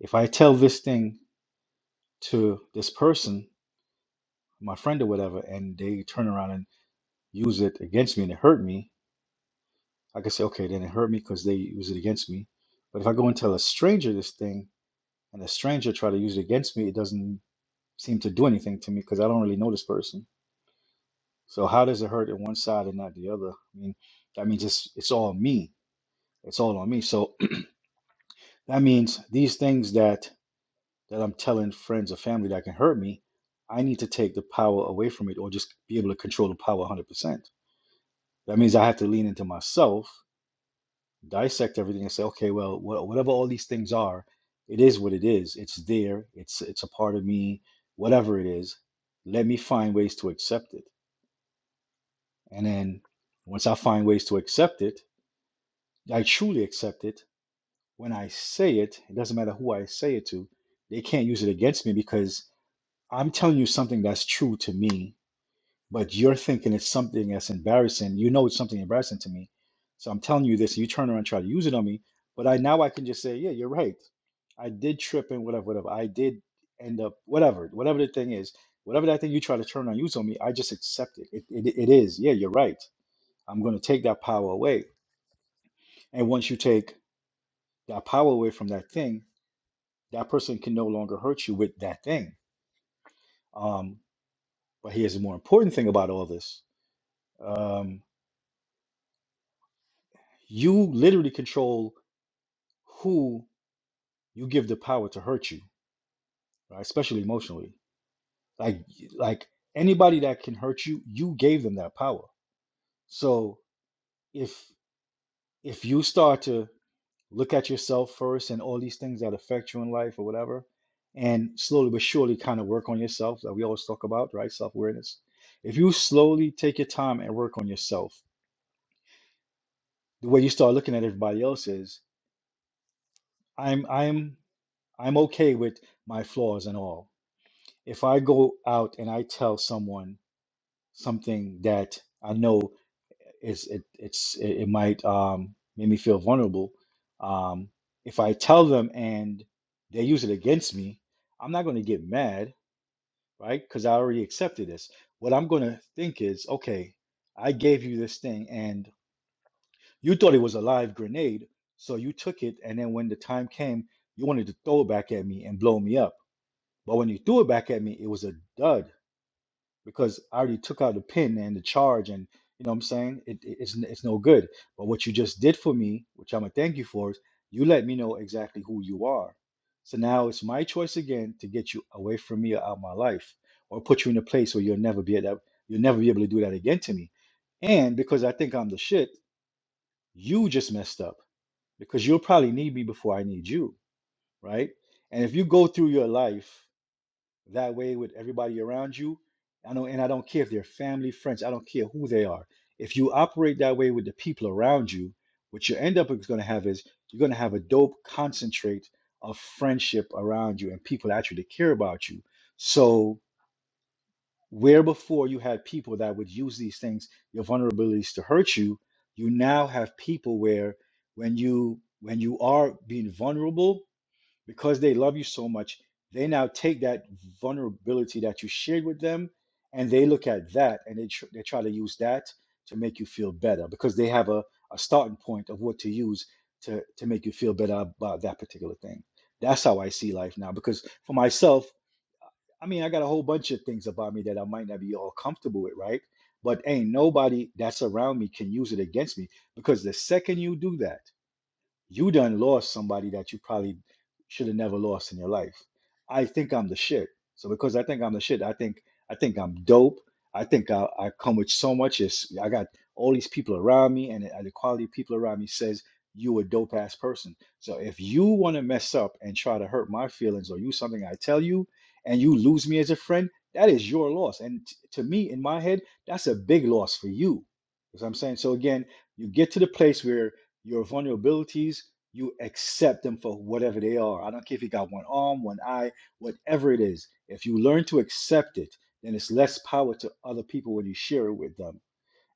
if I tell this thing to this person, my friend or whatever, and they turn around and use it against me and it hurt me, I can say, okay, then it hurt me because they use it against me. But if I go and tell a stranger this thing and the stranger try to use it against me, it doesn't seem to do anything to me because I don't really know this person. So how does it hurt in one side and not the other? I mean, that means it's it's all me. It's all on me. So *clears throat* that means these things that that I'm telling friends or family that can hurt me, I need to take the power away from it or just be able to control the power 100%. That means I have to lean into myself, dissect everything and say, okay, well, wha- whatever all these things are, it is what it is. It's there. It's it's a part of me, whatever it is. Let me find ways to accept it. And then once I find ways to accept it, I truly accept it. When I say it, it doesn't matter who I say it to, they can't use it against me because I'm telling you something that's true to me but you're thinking it's something that's embarrassing. You know it's something embarrassing to me. So I'm telling you this, you turn around and try to use it on me. But I now I can just say, yeah, you're right. I did trip and whatever, whatever. I did end up whatever, whatever the thing is, whatever that thing you try to turn on use on me, I just accept it. It it, it is, yeah, you're right. I'm gonna take that power away. And once you take that power away from that thing, that person can no longer hurt you with that thing. Um, but here's the more important thing about all this. Um, you literally control who you give the power to hurt you, right? Especially emotionally. Like like anybody that can hurt you, you gave them that power. So if if you start to look at yourself first and all these things that affect you in life or whatever, and slowly but surely kind of work on yourself that we always talk about, right? Self-awareness. If you slowly take your time and work on yourself, the way you start looking at everybody else is, I'm I'm I'm okay with my flaws and all. if I go out and I tell someone something that I know is it it's it, it might um make me feel vulnerable. Um, if I tell them and they use it against me, I'm not going to get mad, right? Because I already accepted this. What I'm going to think is, okay, I gave you this thing and you thought it was a live grenade, so you took it, and then when the time came, you wanted to throw it back at me and blow me up. But when you threw it back at me, it was a dud because I already took out the pin and the charge, and you know what I'm saying? It, it- it's, n- it's no good. But what you just did for me, which I'm gonna thank you for, is you let me know exactly who you are. So now it's my choice again to get you away from me or out of my life, or put you in a place where you'll never be at that, you'll never be able to do that again to me. And because I think I'm the shit, you just messed up because you'll probably need me before I need you, right? And if you go through your life that way with everybody around you. I know, and I don't care if they're family, friends, I don't care who they are. If you operate that way with the people around you, what you end up is going to have is you're going to have a dope concentrate of friendship around you and people that actually care about you. So, where before you had people that would use these things, your vulnerabilities to hurt you, you now have people where when you when you are being vulnerable because they love you so much, they now take that vulnerability that you shared with them and they look at that and they, tr- they try to use that to make you feel better because they have a, a starting point of what to use to, to make you feel better about that particular thing. That's how I see life now. Because for myself, I mean, I got a whole bunch of things about me that I might not be all comfortable with, right? But ain't nobody that's around me can use it against me because the second you do that, you done lost somebody that you probably should have never lost in your life. I think I'm the shit. So because I think I'm the shit, I think I think I'm dope. I think I, I come with so much. Is I got all these people around me, and the and the quality of people around me says you a dope ass person. So if you want to mess up and try to hurt my feelings or use something I tell you, and you lose me as a friend, that is your loss. And t- to me, in my head, that's a big loss for you. Because I'm saying so again, you get to the place where your vulnerabilities, you accept them for whatever they are. I don't care if you got one arm, one eye, whatever it is. If you learn to accept it, then it's less power to other people when you share it with them.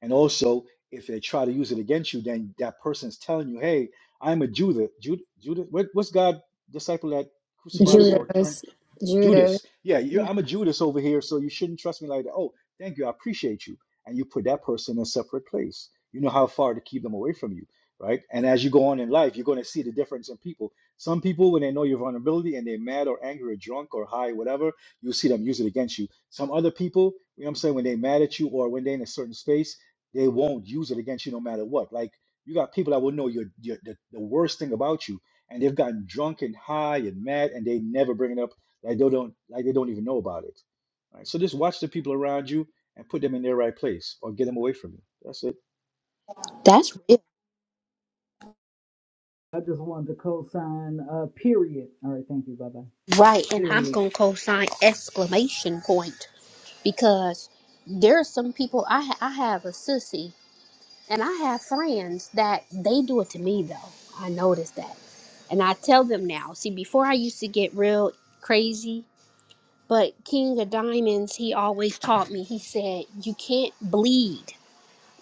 And also, if they try to use it against you, then that person's telling you, hey, I'm a Judah. Judah, Judah what, what's God disciple that crucified him Judith, or turned? Judas, Judas. Judas. Yeah, you I'm a Judas over here, so you shouldn't trust me like that. Oh, thank you. I appreciate you. And you put that person in a separate place. You know how far to keep them away from you, right? And as you go on in life, you're going to see the difference in people. Some people, when they know your vulnerability and they're mad or angry or drunk or high, whatever, you'll see them use it against you. Some other people, you know what I'm saying, when they're mad at you or when they're in a certain space, they won't use it against you no matter what. Like you got people that will know your, your the, the worst thing about you, and they've gotten drunk and high and mad, and they never bring it up like they don't like they don't even know about it right so just watch the people around you and put them in their right place or get them away from you that's it That's real. I just wanted to co sign, uh, period. All right, thank you, bye bye. Right. And I'm Period. gonna co sign exclamation point because there are some people I ha- I have a sissy And I have friends that they do it to me though. I noticed that. And I tell them now. See, before I used to get real crazy, but King of Diamonds, he always taught me. He said, "You can't bleed.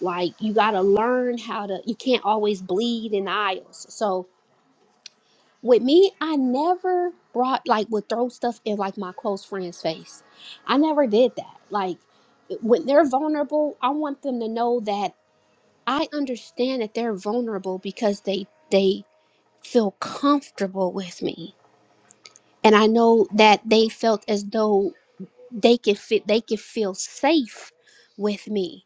Like you got to learn how to you can't always bleed in the aisles." So, with me, I never brought like would throw stuff in like my close friend's face. I never did that. Like when they're vulnerable, I want them to know that I understand that they're vulnerable because they they feel comfortable with me. And I know that they felt as though they could fit they could feel safe with me.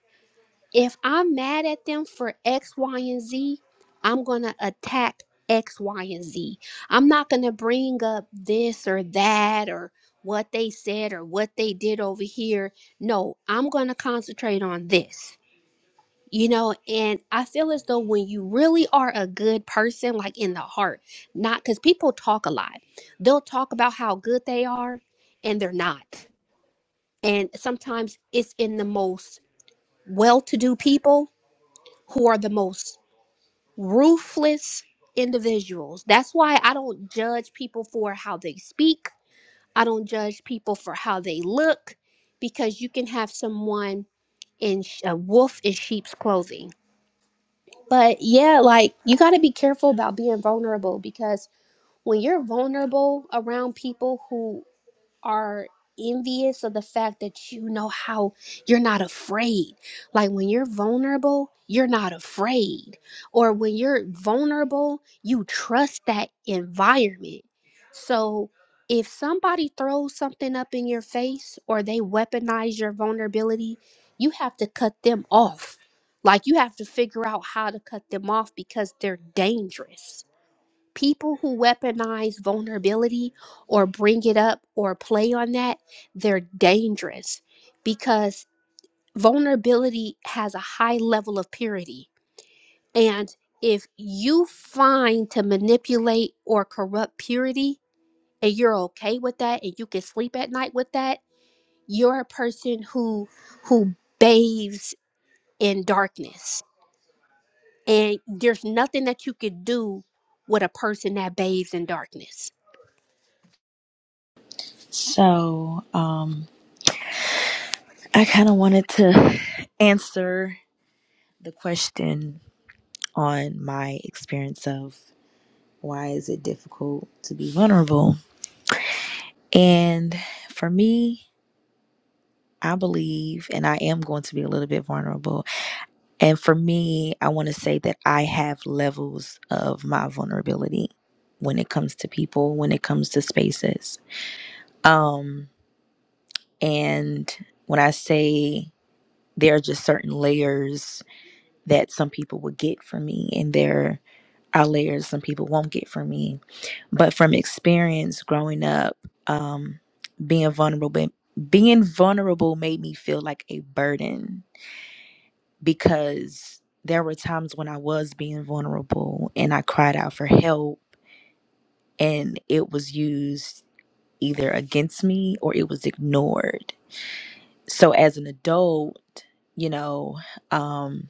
If I'm mad at them for X, Y, and Z, I'm gonna attack X, Y, and Z. I'm not gonna bring up this or that or what they said or what they did over here. No, I'm gonna concentrate on this you know, and I feel as though when you really are a good person, like in the heart, not because people talk a lot, they'll talk about how good they are and they're not. And sometimes it's in the most well to do people who are the most ruthless individuals. That's why I don't judge people for how they speak, I don't judge people for how they look, because you can have someone in sh- a wolf in sheep's clothing But yeah, like you got to be careful about being vulnerable because when you're vulnerable around people who are envious of the fact that you know how you're not afraid. Like when you're vulnerable, you're not afraid. Or when you're vulnerable, you trust that environment. So if somebody throws something up in your face or they weaponize your vulnerability, you have to cut them off. Like you have to figure out how to cut them off because they're dangerous people who weaponize vulnerability or bring it up or play on that, they're dangerous because vulnerability has a high level of purity. And if you find to manipulate or corrupt purity and you're okay with that and you can sleep at night with that, you're a person who who bathes in darkness. And there's nothing that you could do with a person that bathes in darkness So, um, I kind of wanted to answer the question on my experience of why is it difficult to be vulnerable, and for me. I believe, and I am going to be a little bit vulnerable. And for me, I want to say that I have levels of my vulnerability when it comes to people, when it comes to spaces. Um, and when I say there are just certain layers that some people will get from me, and there are layers some people won't get from me. But from experience growing up, um, being vulnerable, being vulnerable made me feel like a burden because there were times when I was being vulnerable and I cried out for help and it was used either against me or it was ignored. So as an adult, you know, um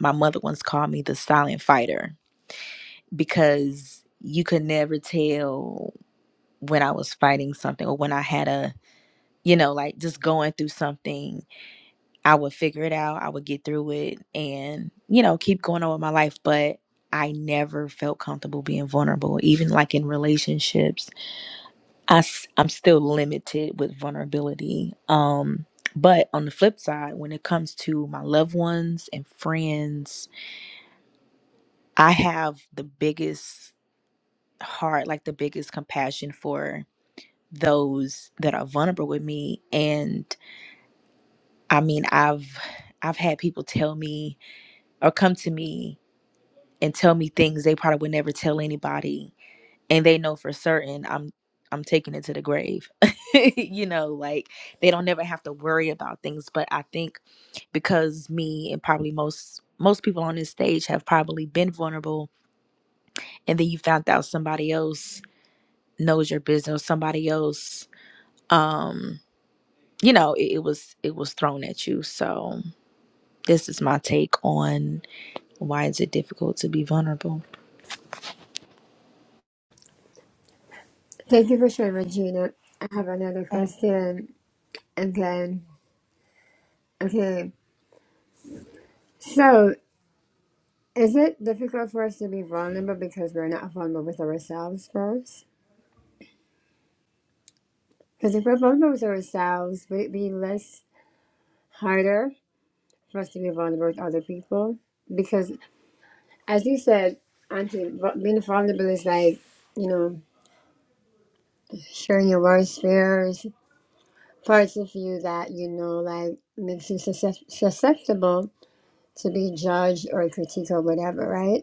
my mother once called me the silent fighter because you could never tell when I was fighting something or when I had a, you know, like just going through something I would figure it out, I would get through it and, you know, keep going on with my life. But I never felt comfortable being vulnerable, even like in relationships. I, am still limited with vulnerability. Um, but on the flip side, when it comes to my loved ones and friends, I have the biggest heart, like the biggest compassion for those that are vulnerable with me. And I mean, I've I've had people tell me or come to me and tell me things they probably would never tell anybody and they know for certain i'm i'm taking it to the grave *laughs* you know like they don't never have to worry about things but i think because me and probably most most people on this stage have probably been vulnerable and then you found out somebody else knows your business somebody else um you know it, it was it was thrown at you so this is my take on why is it difficult to be vulnerable Thank you for sharing, Regina. I have another Thank you. question. Okay. Okay. So, is it difficult for us to be vulnerable because we're not vulnerable with ourselves first? Because if we're vulnerable with ourselves, would it be less harder for us to be vulnerable with other people? Because, as you said, Auntie, vu- being vulnerable is like, you know, sharing your worst fears, parts of you that, you know, like makes you suscep- susceptible to be judged or critiqued or whatever, right?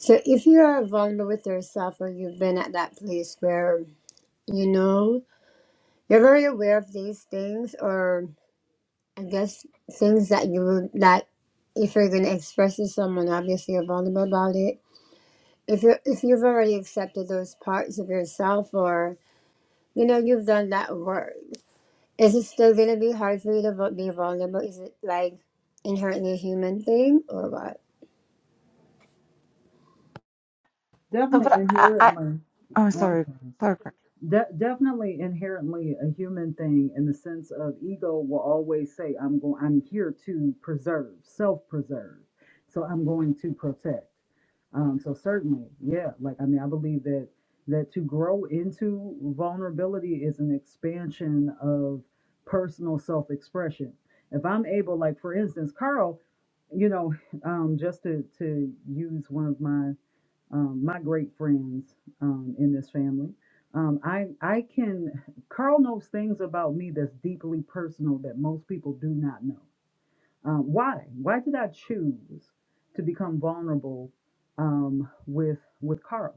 So if you are vulnerable with yourself or you've been at that place where you know you're very aware of these things or I guess things that you would that if you're gonna express to someone obviously you're vulnerable about it. If you if you've already accepted those parts of yourself or you know you've done that work, is it still gonna be hard for you to vo- be vulnerable? Is it like inherently a human thing or what? No, Definitely but I, I, inherently. I'm One sorry, thing. sorry. De- definitely inherently a human thing in the sense of ego will always say i'm going i'm here to preserve self-preserve so i'm going to protect um so certainly yeah like i mean i believe that that to grow into vulnerability is an expansion of personal self-expression if i'm able like for instance carl you know um just to to use one of my um, my great friends um, in this family. Um, I I can Carl knows things about me that's deeply personal that most people do not know. Um, why? Why did I choose to become vulnerable um, with with Carl?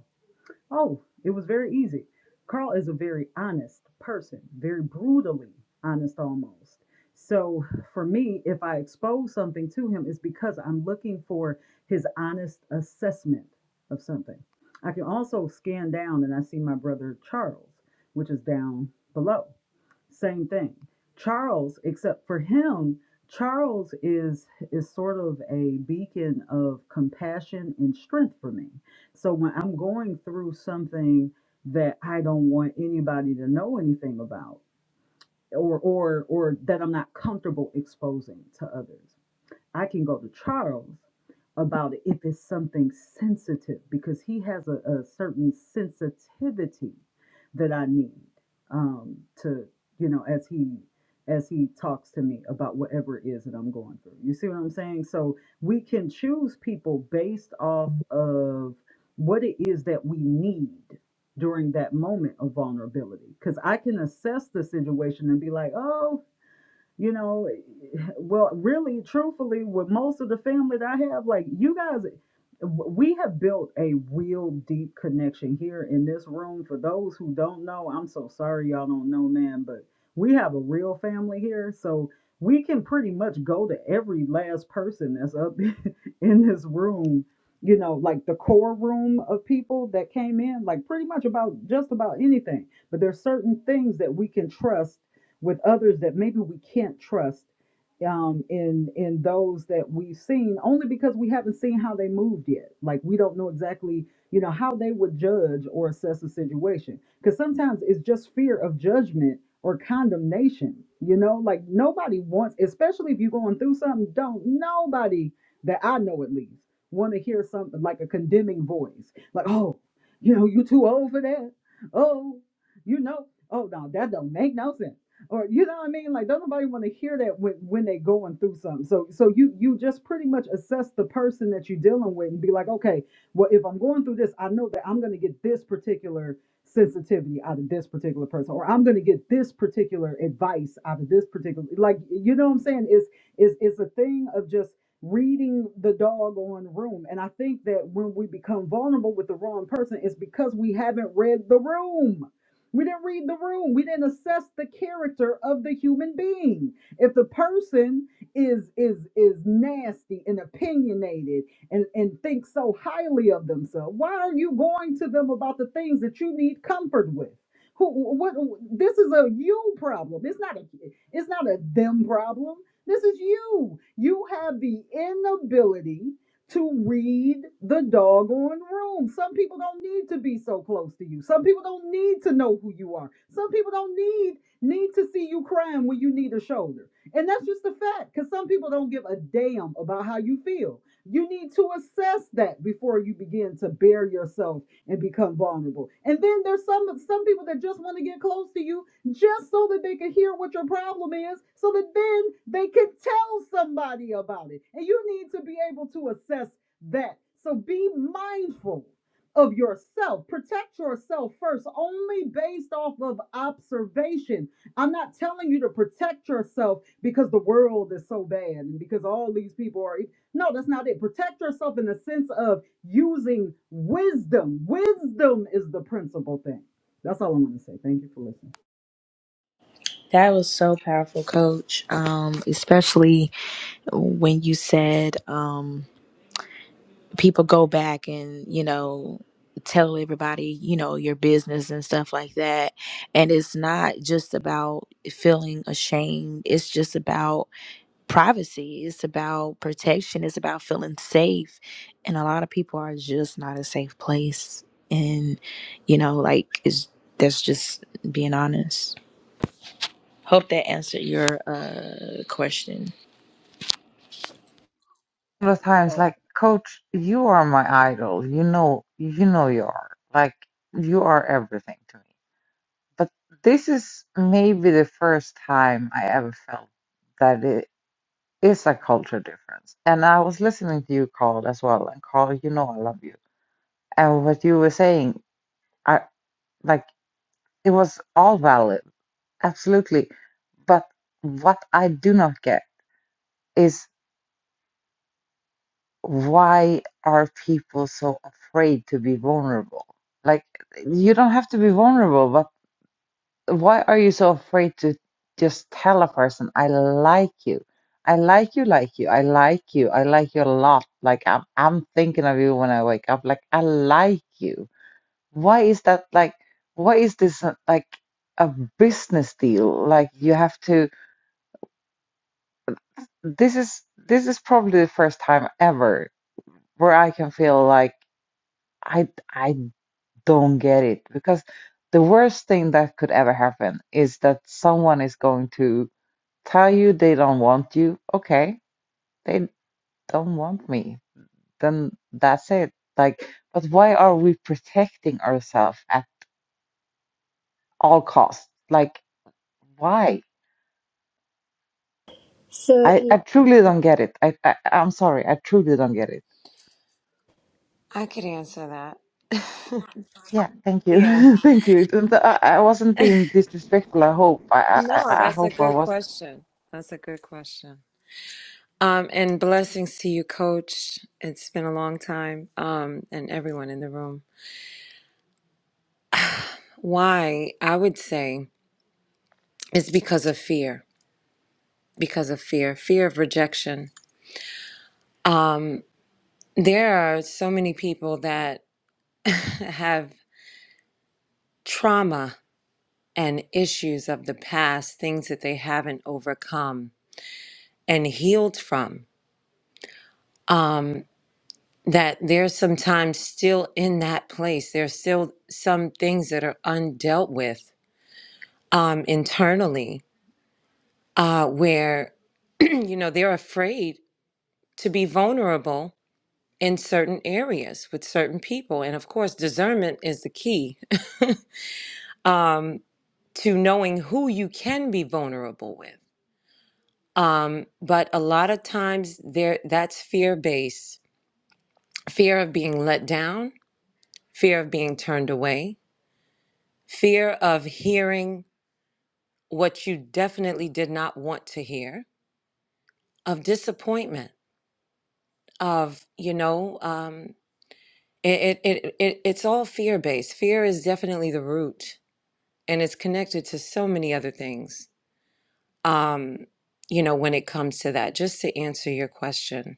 Oh, it was very easy. Carl is a very honest person, very brutally honest almost. So for me, if I expose something to him, it's because I'm looking for his honest assessment of something. I can also scan down and I see my brother Charles, which is down below same thing. Charles, except for him, Charles is is sort of a beacon of compassion and strength for me. So when I'm going through something that I don't want anybody to know anything about or or or that I'm not comfortable exposing to others, I can go to Charles about it if it's something sensitive because he has a, a certain sensitivity that I need um, to, you know, as he as he talks to me about whatever it is that I'm going through. You see what I'm saying? So we can choose people based off of what it is that we need during that moment of vulnerability. Because I can assess the situation and be like, oh, you know well really truthfully with most of the family that i have like you guys we have built a real deep connection here in this room for those who don't know i'm so sorry y'all don't know man but we have a real family here so we can pretty much go to every last person that's up *laughs* in this room you know like the core room of people that came in like pretty much about just about anything but there's certain things that we can trust with others that maybe we can't trust um, in in those that we've seen, only because we haven't seen how they moved yet. Like we don't know exactly, you know, how they would judge or assess a situation. Because sometimes it's just fear of judgment or condemnation. You know, like nobody wants, especially if you're going through something. Don't nobody that I know at least want to hear something like a condemning voice, like, oh, you know, you too old for that. Oh, you know, oh no, that don't make no sense or you know what I mean? Like, don't nobody want to hear that when when they are going through something. So so you you just pretty much assess the person that you're dealing with and be like, okay, well, if I'm going through this, I know that I'm gonna get this particular sensitivity out of this particular person, or I'm gonna get this particular advice out of this particular like you know what I'm saying? It's it's it's a thing of just reading the dog on room. And I think that when we become vulnerable with the wrong person, it's because we haven't read the room we didn't read the room. We didn't assess the character of the human being. If the person is is is nasty and opinionated and, and thinks so highly of themselves, why are you going to them about the things that you need comfort with? Who what this is a you problem. It's not a it's not a them problem. This is you. You have the inability to read the doggone room. Some people don't need to be so close to you. Some people don't need to know who you are. Some people don't need need to see you crying when you need a shoulder. And that's just a fact cuz some people don't give a damn about how you feel. You need to assess that before you begin to bare yourself and become vulnerable. And then there's some some people that just want to get close to you just so that they can hear what your problem is, so that then they can tell somebody about it. And you need to be able to assess that. So be mindful of yourself. Protect yourself first, only based off of observation. I'm not telling you to protect yourself because the world is so bad and because all these people are. e- No, that's not it. Protect yourself in the sense of using wisdom. Wisdom is the principal thing. That's all I want to say. Thank you for listening. That was so powerful, coach. Um, especially when you said um, people go back and, you know, tell everybody, you know, your business and stuff like that. And it's not just about feeling ashamed, it's just about privacy, it's about protection, it's about feeling safe. And a lot of people are just not a safe place. And, you know, like, it's, that's just being honest. Hope that answered your uh, question. of times Uh, like coach you are my idol you know you know you are like you are everything to me but this is maybe the first time i ever felt that it is a culture difference and i was listening to you carl as well and carl you know i love you and what you were saying i like it was all valid absolutely but what i do not get is why are people so afraid to be vulnerable? Like, you don't have to be vulnerable, but why are you so afraid to just tell a person, I like you? I like you, like you. I like you. I like you a lot. Like, I'm, I'm thinking of you when I wake up. Like, I like you. Why is that like, why is this uh, like a business deal? Like, you have to, this is, this is probably the first time ever where I can feel like, I I don't get it because the worst thing that could ever happen is that someone is going to tell you they don't want you. Okay, they don't want me. Then that's it. Like, but why are we protecting ourselves at all costs? Like, why? So I, I truly don't get it. I, I I'm sorry. I truly don't get it. I could answer that. Yeah, thank *laughs* yeah. you, *laughs* thank you. It- it- I, I wasn't *laughs* being disrespectful. I hope. I, I No, I I that's a hope I good wasn't. question. That's a good question. Um, and blessings to you, coach. It's been a long time. Um, and everyone in the room. Why? I would say it's because of fear. Because of fear, fear of rejection. There are so many people that *laughs* have trauma and issues of the past, things that they haven't overcome and healed from. Um. that they're sometimes still in that place. There's still some things that are undealt with um, internally uh, where, *clears throat* you know, they're afraid to be vulnerable in certain areas with certain people. And of course, discernment is the key *laughs* um, to knowing who you can be vulnerable with. Um, but a lot of times there that's fear based fear of being let down, fear of being turned away, fear of hearing what you definitely did not want to hear, of disappointment, of, you know, um, it, it, it, it, it's all fear based. Fear is definitely the root and it's connected to so many other things, um, you know, when it comes to that. Just to answer your question,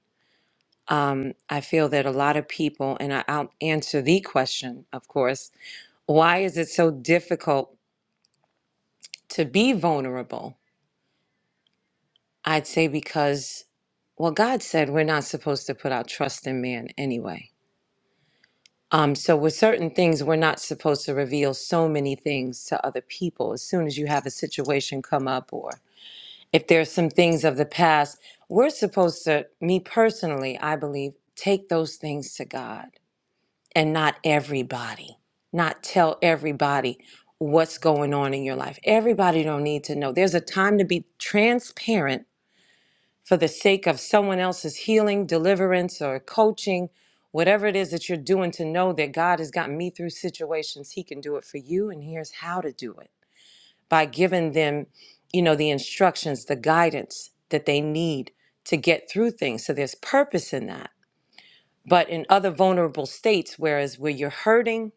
um, I feel that a lot of people, and I, I'll answer the question, of course, why is it so difficult to be vulnerable? I'd say because Well, God said we're not supposed to put our trust in man anyway. Um, so, with certain things, we're not supposed to reveal so many things to other people. As soon as you have a situation come up, or if there's some things of the past, we're supposed to, me personally, I believe, take those things to God and not everybody, not tell everybody what's going on in your life. Everybody don't need to know. There's a time to be transparent for the sake of someone else's healing, deliverance, or coaching, whatever it is that you're doing to know that God has gotten me through situations, He can do it for you. And here's how to do it by giving them, you know, the instructions, the guidance that they need to get through things. So there's purpose in that. But in other vulnerable states, whereas where you're hurting,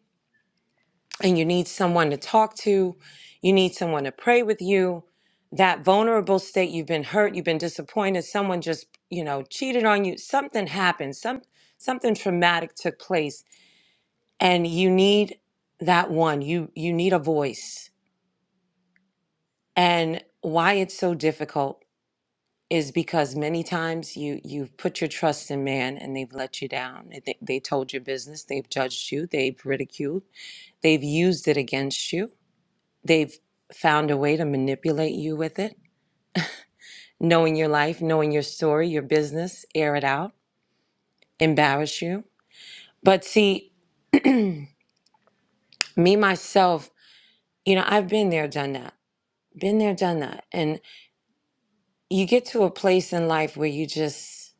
and you need someone to talk to, you need someone to pray with you, that vulnerable state you've been hurt, you've been disappointed, someone just, you know, cheated on you, something happened, some something traumatic took place and you need that one. You you need a voice. And why it's so difficult is because many times you you've put your trust in man and they've let you down. They, they told your business, they've judged you, they've ridiculed, they've used it against you They've found a way to manipulate you with it, knowing your life, knowing your story, your business, air it out, embarrass you. But see, me myself, you know, I've been there, done that, been there, done that. And you get to a place in life where you just,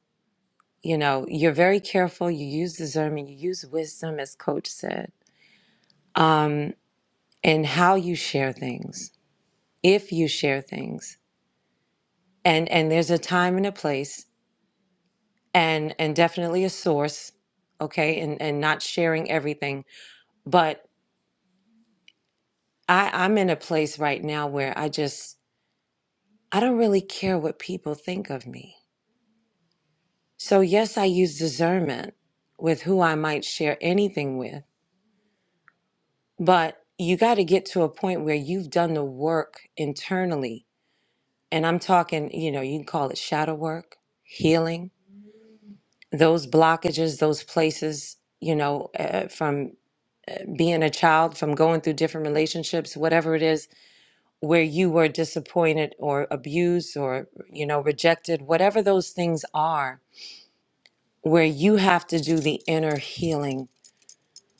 you know, you're very careful, you use discernment, you use wisdom, as Coach said, um, and how you share things, if you share things. And, and there's a time and a place and and definitely a source okay and and not sharing everything but i i'm in a place right now where i just i don't really care what people think of me so yes i use discernment with who i might share anything with but you got to get to a point where you've done the work internally and i'm talking you know you can call it shadow work healing those blockages those places you know uh, from being a child, from going through different relationships, whatever it is, where you were disappointed or abused or, you know, rejected, whatever those things are, where you have to do the inner healing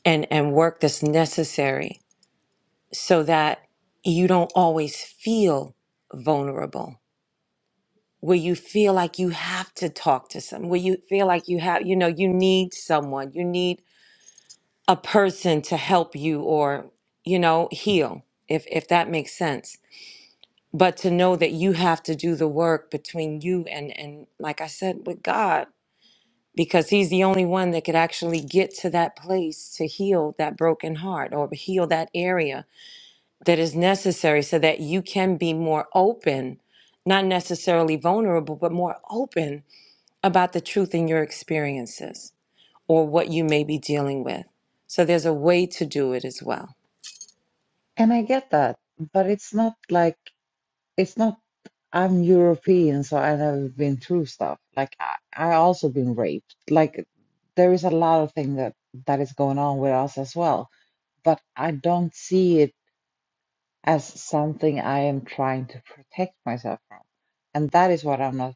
and, and work that's necessary so that you don't always feel vulnerable, where you feel like you have to talk to someone, where you feel like you have, you know, you need someone, you need a person to help you or, you know, heal, if, if that makes sense but to know that you have to do the work between you and and like i said with god because he's the only one that could actually get to that place to heal that broken heart or heal that area that is necessary so that you can be more open not necessarily vulnerable but more open about the truth in your experiences or what you may be dealing with so there's a way to do it as well And I get that, but it's not like. it's not I'm European, so I've never been through stuff. Like I, I also been raped. Like there is a lot of thing that that is going on with us as well. But I don't see it as something I am trying to protect myself from, and that is what I'm not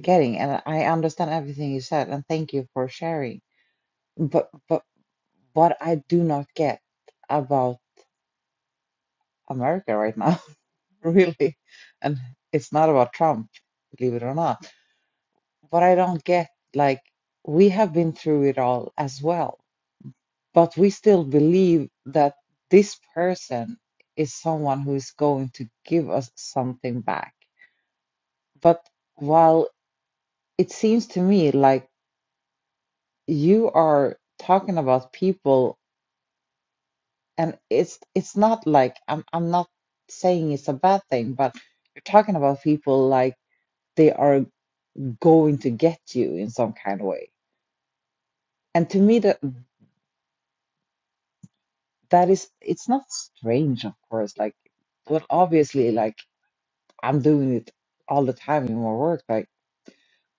getting. And I understand everything you said, and thank you for sharing. But but what I do not get about America right now, *laughs* really, and it's not about Trump, believe it or not But I don't get like we have been through it all as well, but we still believe that this person is someone who is going to give us something back. But while it seems to me like you are talking about people and it's it's not like I'm I'm not saying it's a bad thing, but you're talking about people like they are going to get you in some kind of way. And to me, that that is it's not strange of course like but obviously like i'm doing it all the time in my work like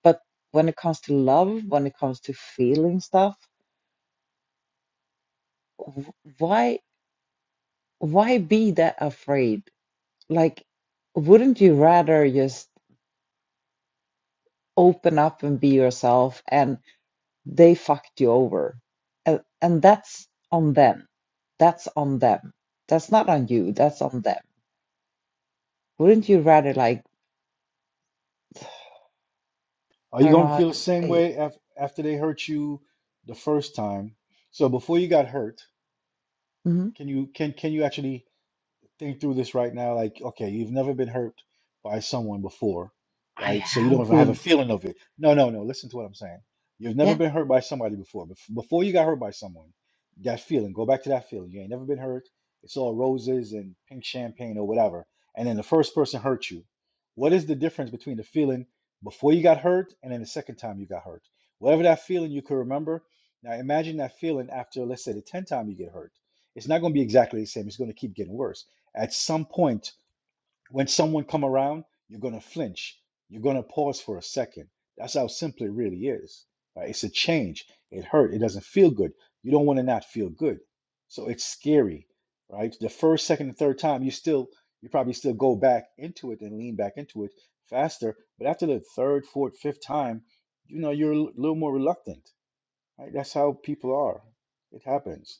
but when it comes to love when it comes to feeling stuff w- why why be that afraid like wouldn't you rather just open up and be yourself and they fucked you over and, and that's on them that's on them that's not on you that's on them wouldn't you rather like are i you don't know going to how feel the to same say way af- after they hurt you the first time so before you got hurt it can you can can you actually think through this right now. Like, okay, you've never been hurt by someone before, I right? So you don't have even have a been. feeling of it. No, no, no. Listen to what I'm saying. You've never Yeah, been hurt by somebody before. Bef- Before you got hurt by someone, that feeling, go back to that feeling. You ain't never been hurt. It's all roses and pink champagne or whatever. And then the first person hurt you. What is the difference between the feeling before you got hurt and then the second time you got hurt? Whatever that feeling you could remember. Now imagine that feeling after, let's say, the 10th time you get hurt. It's not going to be exactly the same. It's going to keep getting worse at some point, when someone come around, you're gonna flinch. You're gonna pause for a second. That's how simple it really is. Right? It's a change. It hurt. It doesn't feel good. You don't want to not feel good. So it's scary, right? The first, second, and third time, you still, you probably still go back into it and lean back into it faster. But after the third, fourth, fifth time, you know, you're a a little more reluctant. Right? That's how people are. It happens.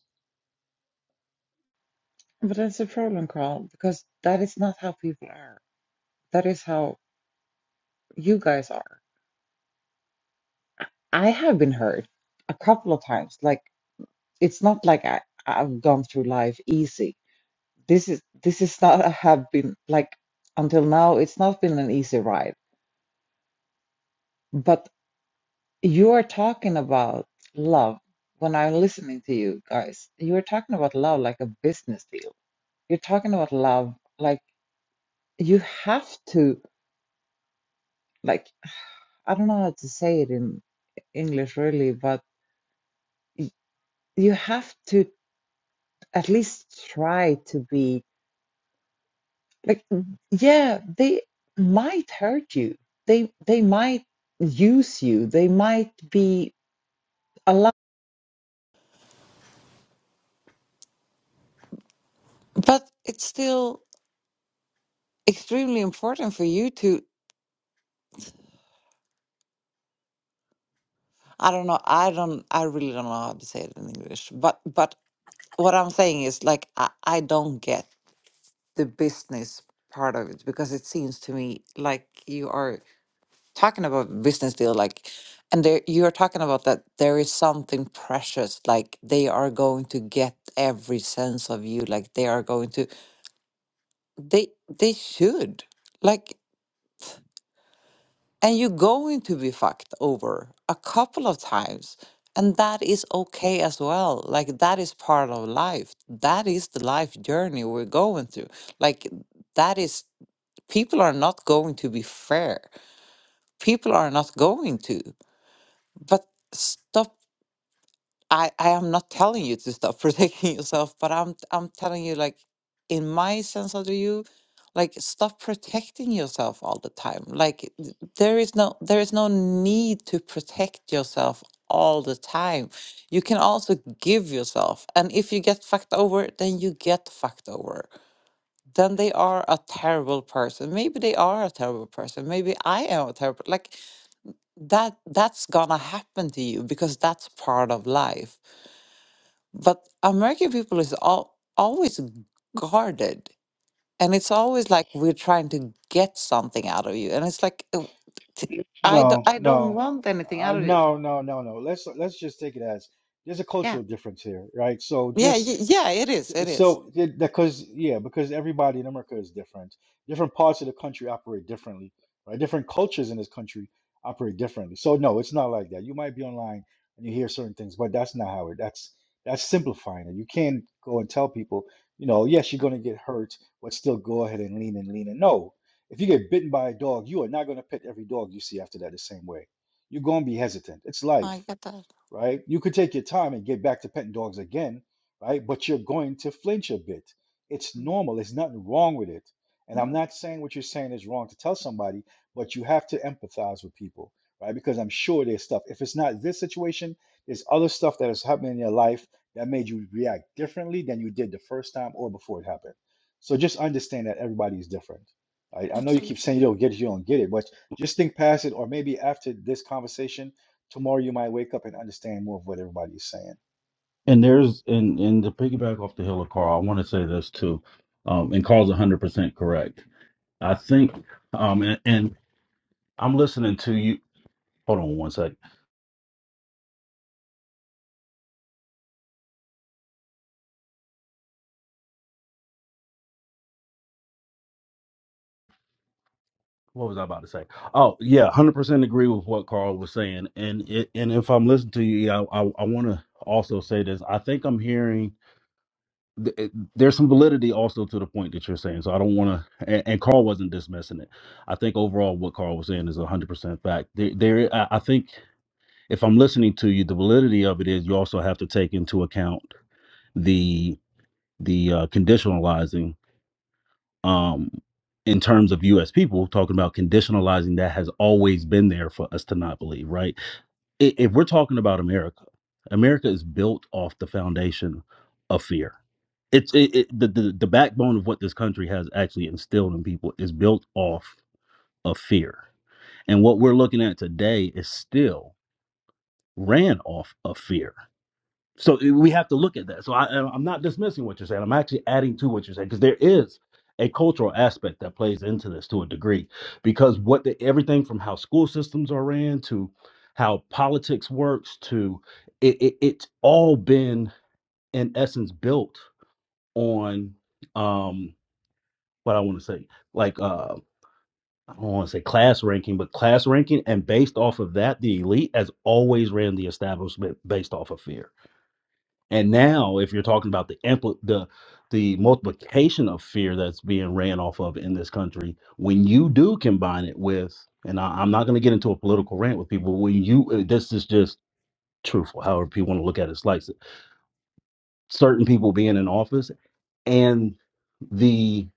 but that's a problem, Carl, because that is not how people are. That is how you guys are. I have been hurt a couple of times. Like it's not like I, I've gone through life easy. This is this is not I have been like until now it's not been an easy ride. But you are talking about love when I'm listening to you guys. You are talking about love like a business deal. You're talking about love like you have to like. I don't know how to say it in English really, but y- you have to at least try to be like, yeah, they might hurt you. They they might use you. They might be a lot. But it's still extremely important for you to, I don't know, I don't, I really don't know how to say it in English, but but what I'm saying is like I, I don't get the business part of it because it seems to me like you are. talking about business deal like and there you're talking about that there is something precious like they are going to get every sense of you like they are going to they they should like and you're going to be fucked over a couple of times and that is okay as well like that is part of life that is the life journey we're going through like that is people are not going to be fair people are not going to but stop I I am not telling you to stop *laughs* protecting yourself, but I'm I'm telling you like in my sense of the you, like stop protecting yourself all the time. Like th- there is no there is no need to protect yourself all the time. You can also give yourself, and if you get fucked over, then you get fucked over. Then they are a terrible person. Maybe they are a terrible person. Maybe I am a terrible like that that's gonna happen to you because that's part of life but American people is all, always guarded, and it's always like we're trying to get something out of you, and it's like uh, t- I do, No, I don't no, want anything uh, out of you. no, no, no, no. Let's let's just take it as there's a Yeah, cultural difference here, right? So yeah, just. y- yeah. It S- is, uh, it is. So, because yeah, because everybody in America is different. Different parts of the country operate differently, right? Different cultures in this country operate differently. So no, it's not like that. You might be online and you hear certain things, but that's not how it. That's that's simplifying it. You can't go and tell people, you know, yes, you're going to get hurt, but still go ahead and lean and lean. And no, if you get bitten by a dog, you are not going to pet every dog you see after that the same way. You're going to be hesitant. It's I life get that. right? You could take your time and get back to petting dogs again, right? But you're going to flinch a bit. It's Mm, normal. There's nothing wrong with it. And I'm No, not saying what you're saying is wrong to tell somebody, but you have to empathize with people, right? Because I'm sure there's stuff. If it's not this situation, there's other stuff that is happening in your life that made you react differently than you did the first time or before it happened. So just understand that everybody is different. I, I know you absolutely. keep saying you don't get it, you don't get it, but just think past it, or maybe after this conversation, Tomorrow you might wake up and understand more of what everybody is saying. And there's and and to piggyback off the hill of Carl, I want to say this too. Um, and Carl's 100% correct. I think, um, and, and I'm listening to you. Hold on one sec. What was I about to say? Oh yeah, 100% agree with what Carl was saying. And it, and if I'm listening to you, yeah, I I, I want to also say this. I think I'm hearing th- it- there's some validity also to the point that you're saying. So I don't want to. And, and Carl wasn't dismissing it. I think overall what Carl was saying is 100% fact. There, there. I, I think. if I'm listening to you, the validity of it is you also have to take into account the the uh, conditionalizing um, in terms of U.S. people talking about conditionalizing that has always been there for us to not believe, right? I- If we're talking about America, America is built off the foundation of fear. It's it, it, the, the the backbone of what this country has actually instilled in people is built off of fear, and what we're looking at today is still ran off of fear so eh, we have to look at that. So I, I'm not dismissing what you're saying. I'm actually adding to what you're saying because there is a cultural aspect that plays into this to a degree, because what the, everything from how school systems are ran to how politics works to it, it, it's all been in essence built on um what I want to say like uh I don't want to say class ranking, but class ranking, and based off of that, the elite has always ran the establishment based off of fear and now, if you're talking about the ampli- the the multiplication of fear that's being ran off of in this country, when you do combine it with, and I, I'm not going to get into a political rant with people. When you, uh, this is just truthful, however people want to look at it, slice it. Certain people being in office and the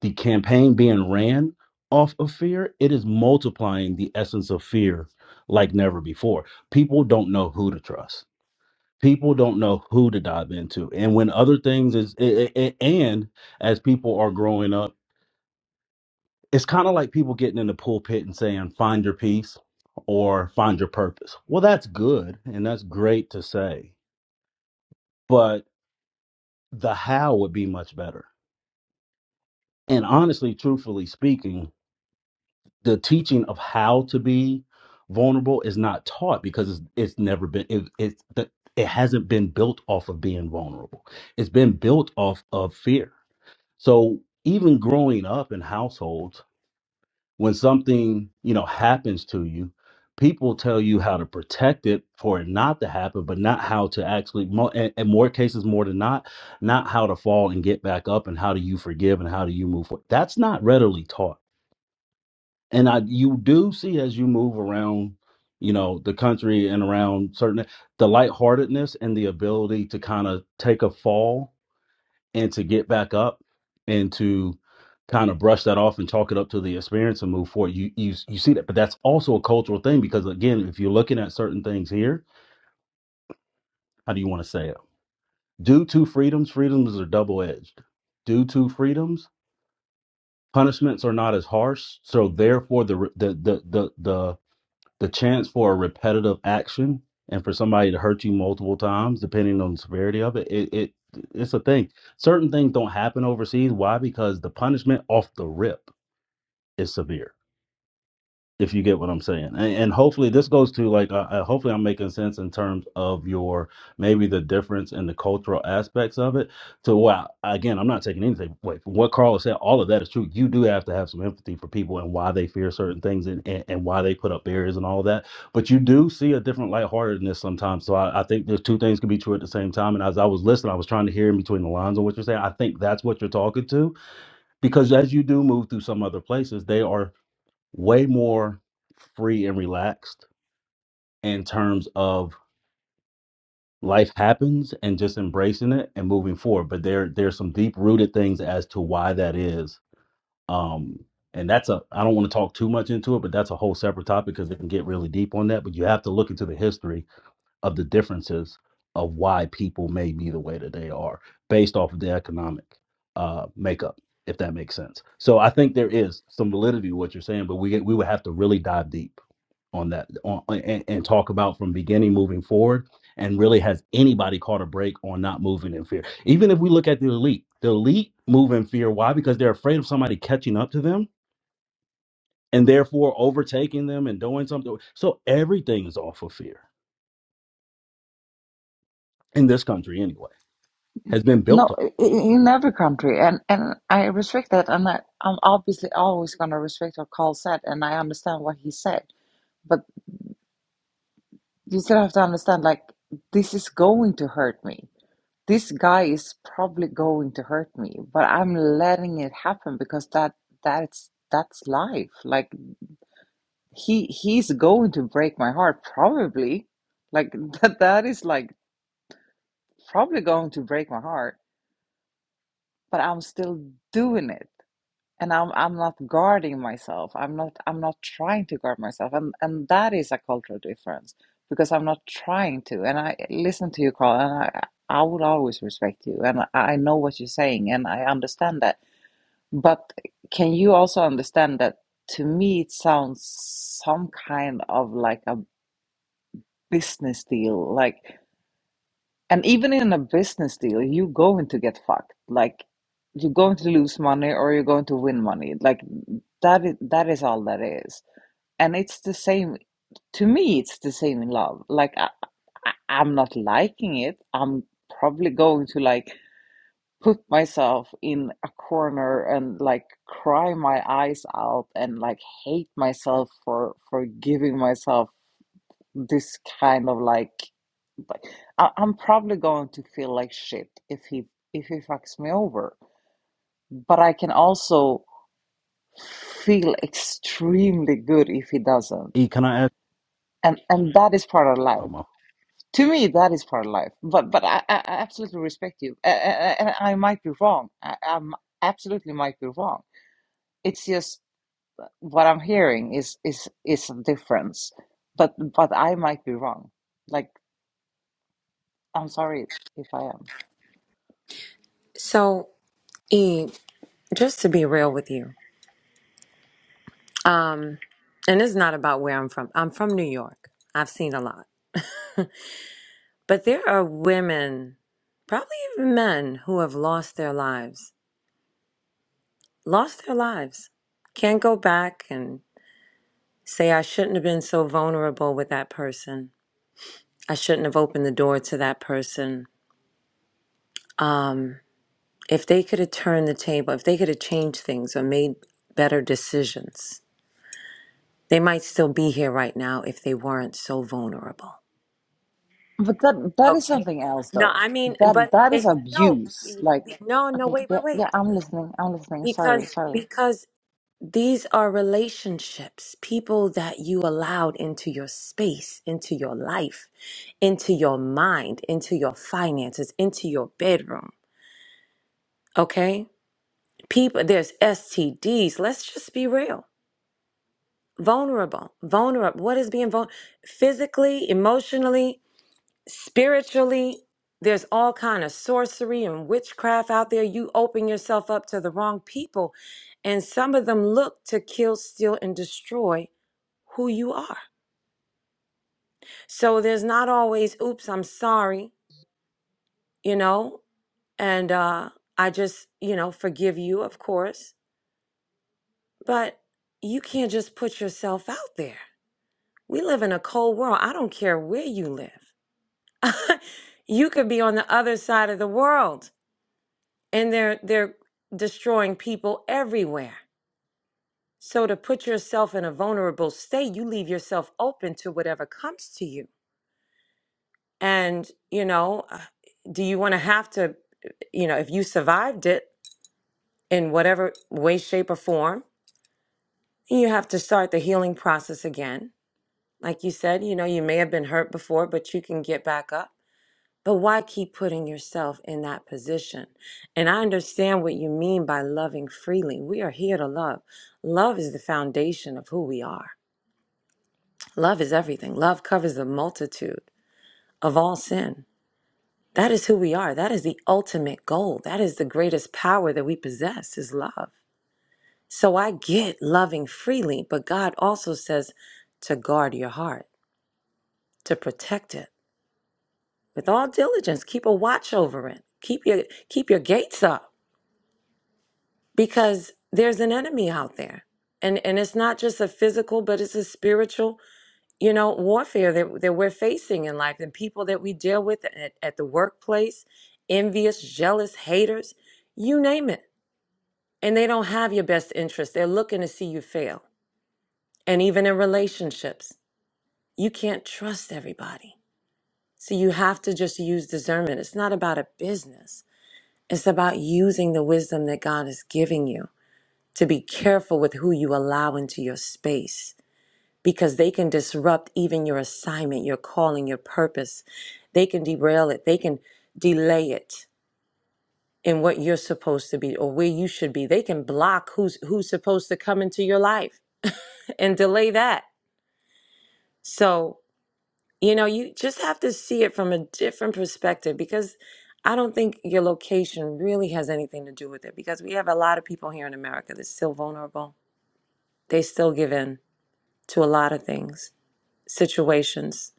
the campaign being ran off of fear, it is multiplying the essence of fear like never before. People don't know who to trust people don't know who to dive into and when other things is a- a- a- and as people are growing up it's kind of like people getting in the pulpit and saying find your peace or find your purpose well that's good and that's great to say but the how would be much better and honestly truthfully speaking the teaching of how to be vulnerable is not taught because it's, it's never been it, it's the, it hasn't been built off of being vulnerable it's been built off of fear So even growing up in households, when something, you know, happens to you, people tell you how to protect it for it not to happen, but not how to actually mo in, in more cases more than not, not how to fall and get back up and how do you forgive and how do you move forward. That's not readily taught. And I you do see as you move around, you know, the country and around certain the lightheartedness and the ability to kind of take a fall and to get back up and to kind of brush that off and chalk it up to the experience and move forward. You you you see that, but that's also a cultural thing because again, if you're looking at certain things here, how do you want to say it? Due to freedoms, freedoms are double edged. Due to freedoms, punishments are not as harsh, so therefore the the the the, the the chance for a repetitive action and for somebody to hurt you multiple times depending on the severity of it it, it it's a thing certain things don't happen overseas why because the punishment off the rip is severe if you get what I'm saying. And, and hopefully this goes to like, uh, uh, hopefully I'm making sense in terms of your maybe the difference in the cultural aspects of it. To what again, I'm not taking anything away from what Carl said. All of that is true. You do have to have some empathy for people and why they fear certain things and, and, and why they put up barriers and all that. But you do see a different lightheartedness sometimes. So I, I think there's two things can be true at the same time. And as I was listening, I was trying to hear in between the lines of what you're saying. I think that's what you're talking to because as you do move through some other places, they are way more free and relaxed in terms of life happens and just embracing it and moving forward. But there there's some deep rooted things as to why that is. Um and that's a I don't want to talk too much into it, but that's a whole separate topic because it can get really deep on that. But you have to look into the history of the differences of why people may be the way that they are based off of the economic uh makeup, if that makes sense. So I think there is some validity to what you're saying, but we we would have to really dive deep on that on, and, and talk about from beginning moving forward and really has anybody caught a break on not moving in fear even if we look at the elite the elite move in fear why because they're afraid of somebody catching up to them and therefore overtaking them and doing something so everything is off of fear in this country anyway has been built No, on i- i- in every country, and and I respect that, and I, I'm obviously always gonna respect what Carl said, and I understand what he said, but you still have to understand, like this is going to hurt me. this guy is probably going to hurt me but i'm letting it happen because that that's that's life like he he's going to break my heart probably like *laughs* that that is like probably going to break my heart but i'm still doing it and i'm i'm not guarding myself i'm not i'm not trying to guard myself and and that is a cultural difference because i'm not trying to and i listen to you carl and i i would always respect you and i I know what you're saying and i understand that But can you also understand that to me it sounds some kind of like a business deal, like, and even in a business deal, you're going to get fucked. Like, you're going to lose money or you're going to win money. Like that is that is all that is. And it's the same to me. It's the same in love. Like I, I, I'm not liking it. I'm probably going to like. put myself in a corner and like cry my eyes out and like hate myself for for giving myself this kind of like like I, I'm probably going to feel like shit if he if he fucks me over. But I can also feel extremely good if he doesn't. e can i ask And and that is part of life. um, To me, that is part of life. But but I, I I absolutely respect you. And I, I, I might be wrong. I, I absolutely might be wrong it's just what I'm hearing is is is a difference, but but I might be wrong. Like I'm sorry if I am. so e just to be real with you Um, and it's not about where I'm from. I'm from New York. I've seen a lot. But there are women, probably even men, who have lost their lives. Lost their lives. Can't go back and say, I shouldn't have been so vulnerable with that person. I shouldn't have opened the door to that person. Um, if they could have turned the table, if they could have changed things or made better decisions, they might still be here right now if they weren't so vulnerable. But that that is Okay. something else No, though. I mean, That but that it, is no, abuse. be- Like be- no, no, okay, wait, yeah, wait, wait. yeah, I'm listening. I'm listening. Sorry, Because sorry. because these are relationships, people that you allowed into your space, into your life, into your mind, into your finances, into your bedroom. Okay? People, there's STDs. Let's just be real. Vulnerable, vulnerable. What is being vulnerable? Physically, emotionally. spiritually there's all kind of sorcery and witchcraft out there you open yourself up to the wrong people and some of them look to kill steal and destroy who you are so there's not always oops i'm sorry you know and uh i just you know forgive you of course but you can't just put yourself out there we live in a cold world i don't care where you live *laughs* you could be on the other side of the world and they're they're destroying people everywhere. So to put yourself in a vulnerable state, you leave yourself open to whatever comes to you. And you know, uh, do you want to have to, you know, if you survived it in whatever way, shape, or form, you have to start the healing process again. Like you said, you know, you may have been hurt before, but you can get back up But why keep putting yourself in that position? And I understand what you mean by loving freely. We are here to love. Love is the foundation of who we are. Love is everything. Love covers the multitude of all sin. That is who we are. That is the ultimate goal. That is the greatest power that we possess is love. So I get loving freely, but God also says to guard your heart, to protect it with all diligence. Keep a watch over it. Keep your keep your gates up because there's an enemy out there and and it's not just a physical but it's a spiritual you know warfare that, that we're facing in life and people that we deal with at, at the workplace envious jealous haters you name it and they don't have your best interest they're looking to see you fail and even in relationships you can't trust everybody so you have to just use discernment it's not about a business it's about using the wisdom that god is giving you to be careful with who you allow into your space because they can disrupt even your assignment, your calling, your purpose. They can derail it, they can delay it in what you're supposed to be or where you should be. They can block who's who's supposed to come into your life and delay that. So, you know, you just have to see it from a different perspective because I don't think your location really has anything to do with it because we have a lot of people here in America that's still vulnerable. They still give in to a lot of things, situations,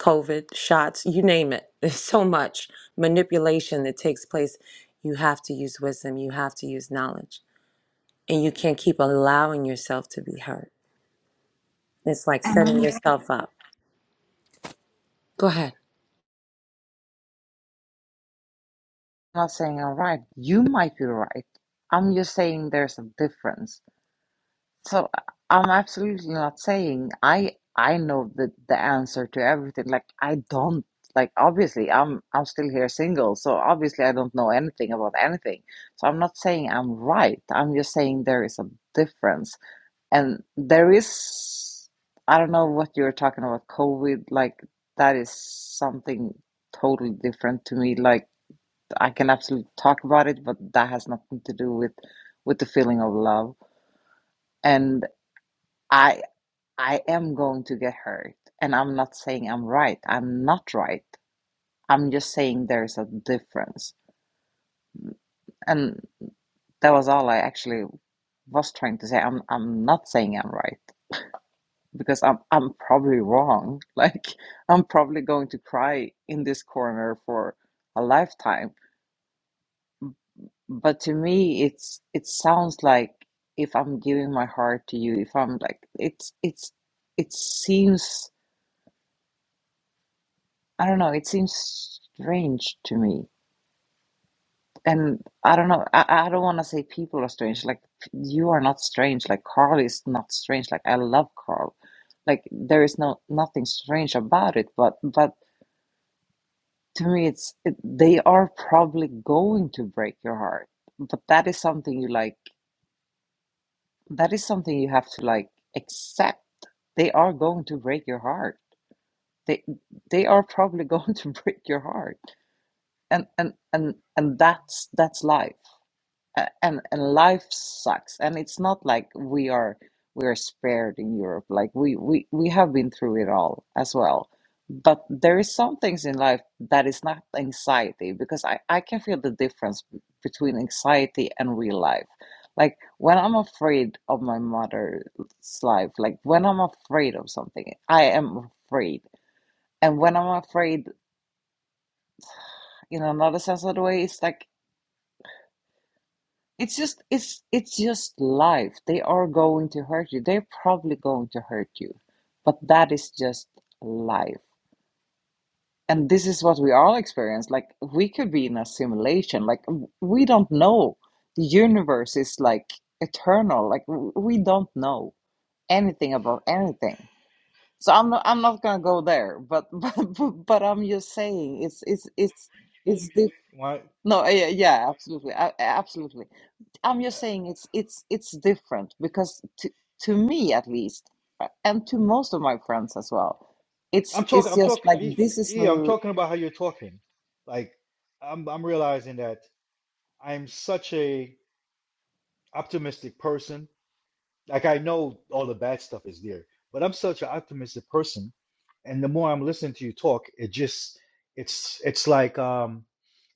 COVID, shots, you name it. *laughs* There's so much manipulation that takes place. You have to use wisdom, you have to use knowledge, and you can't keep allowing yourself to be hurt. It's like And setting I'm yourself up. Go ahead. not saying I'm right. You might be right. I'm just saying there's a difference. So uh, I'm absolutely not saying I I know the the answer to everything. Like I don't like obviously I'm I'm still here single, so obviously I don't know anything about anything. So I'm not saying I'm right. I'm just saying there is a difference. And there is I don't know what you're talking about, COVID, like that is something totally different to me. Like I can absolutely talk about it, but that has nothing to do with with the feeling of love. And I. I am going to get hurt. And I'm not saying I'm right. I'm not right. I'm just saying there's a difference. And that was all I actually was trying to say. I'm I'm not saying I'm right because I'm I'm probably wrong. *laughs* Like I'm probably going to cry in this corner for a lifetime. But to me it's it sounds like if I'm giving my heart to you, if I'm like it's it's it seems I don't know, it seems strange to me and I don't know. I, I don't want to say people are strange. Like you are not strange. Like Carl is not strange. Like I love Carl. Like there is no nothing strange about it. But but to me, it's it, they are probably going to break your heart. But that is something you like. That is something you have to like accept. They are going to break your heart. They they are probably *laughs* going to break your heart. And and and and that's that's life. a- and and life sucks and it's not like we are we are spared in Europe like we we we have been through it all as well but there is some things in life that is not anxiety because I I can feel the difference b- between anxiety and real life like when I'm afraid of my mother's life like when I'm afraid of something I am afraid and when I'm afraid in another sense of the way it's like It's just it's it's just life. They are going to hurt you. They're probably going to hurt you. But that is just life. And this is what we all experience. Like we could be in a simulation. Like w- we don't know. The universe is like eternal. Like w- we don't know anything about anything. So I'm not I'm not gonna go there. But *laughs* but but I'm just saying it's it's it's it's the Why? no yeah yeah absolutely A- absolutely. I'm uh, just saying it's it's it's different because to to me at least, uh, and to most of my friends as well, it's I'm talking. it's I'm just like talking. this is. Yeah, I'm l- talking about how you're talking. Like, I'm. I'm realizing that I'm such a optimistic person Like I know all the bad stuff is there, but I'm such an optimistic person, and the more I'm listening to you talk, it just it's it's like um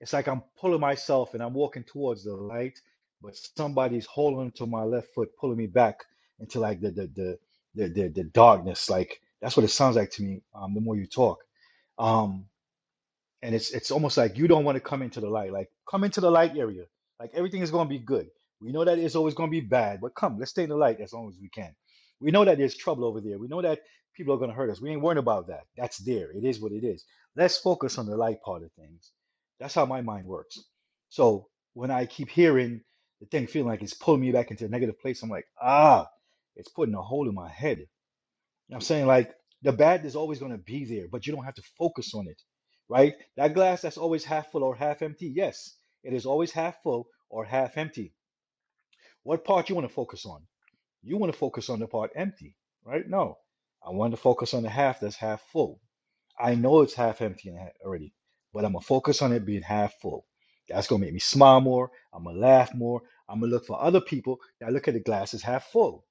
it's like I'm pulling myself and I'm walking towards the light, but somebody's holding to my left foot, pulling me back into like the the the the the, the darkness. Like that's what it sounds like to me. Um, the more you talk. Um, and it's it's almost like you don't want to come into the light. Like come into the light area. Like everything is going to be good. We know that it's always going to be bad, but come, let's stay in the light as long as we can. We know that there's trouble over there. We know that people are going to hurt us. We ain't worrying about that. That's there. It is what it is. Let's focus on the light part of things. That's how my mind works. So when I keep hearing the thing feeling like it's pulling me back into a negative place, I'm like, ah, it's putting a hole in my head. I'm saying like the bad is always going to be there, but you don't have to focus on it, right? That glass that's always half full or half empty. Yes, it is always half full or half empty. What part you want to focus on? You want to focus on the part empty, right? No, I want to focus on the half that's half full. I know it's half empty and ha- already, but I'm gonna focus on it being half full. That's gonna make me smile more. I'm gonna laugh more. I'm gonna look for other people that look at the glass as half full,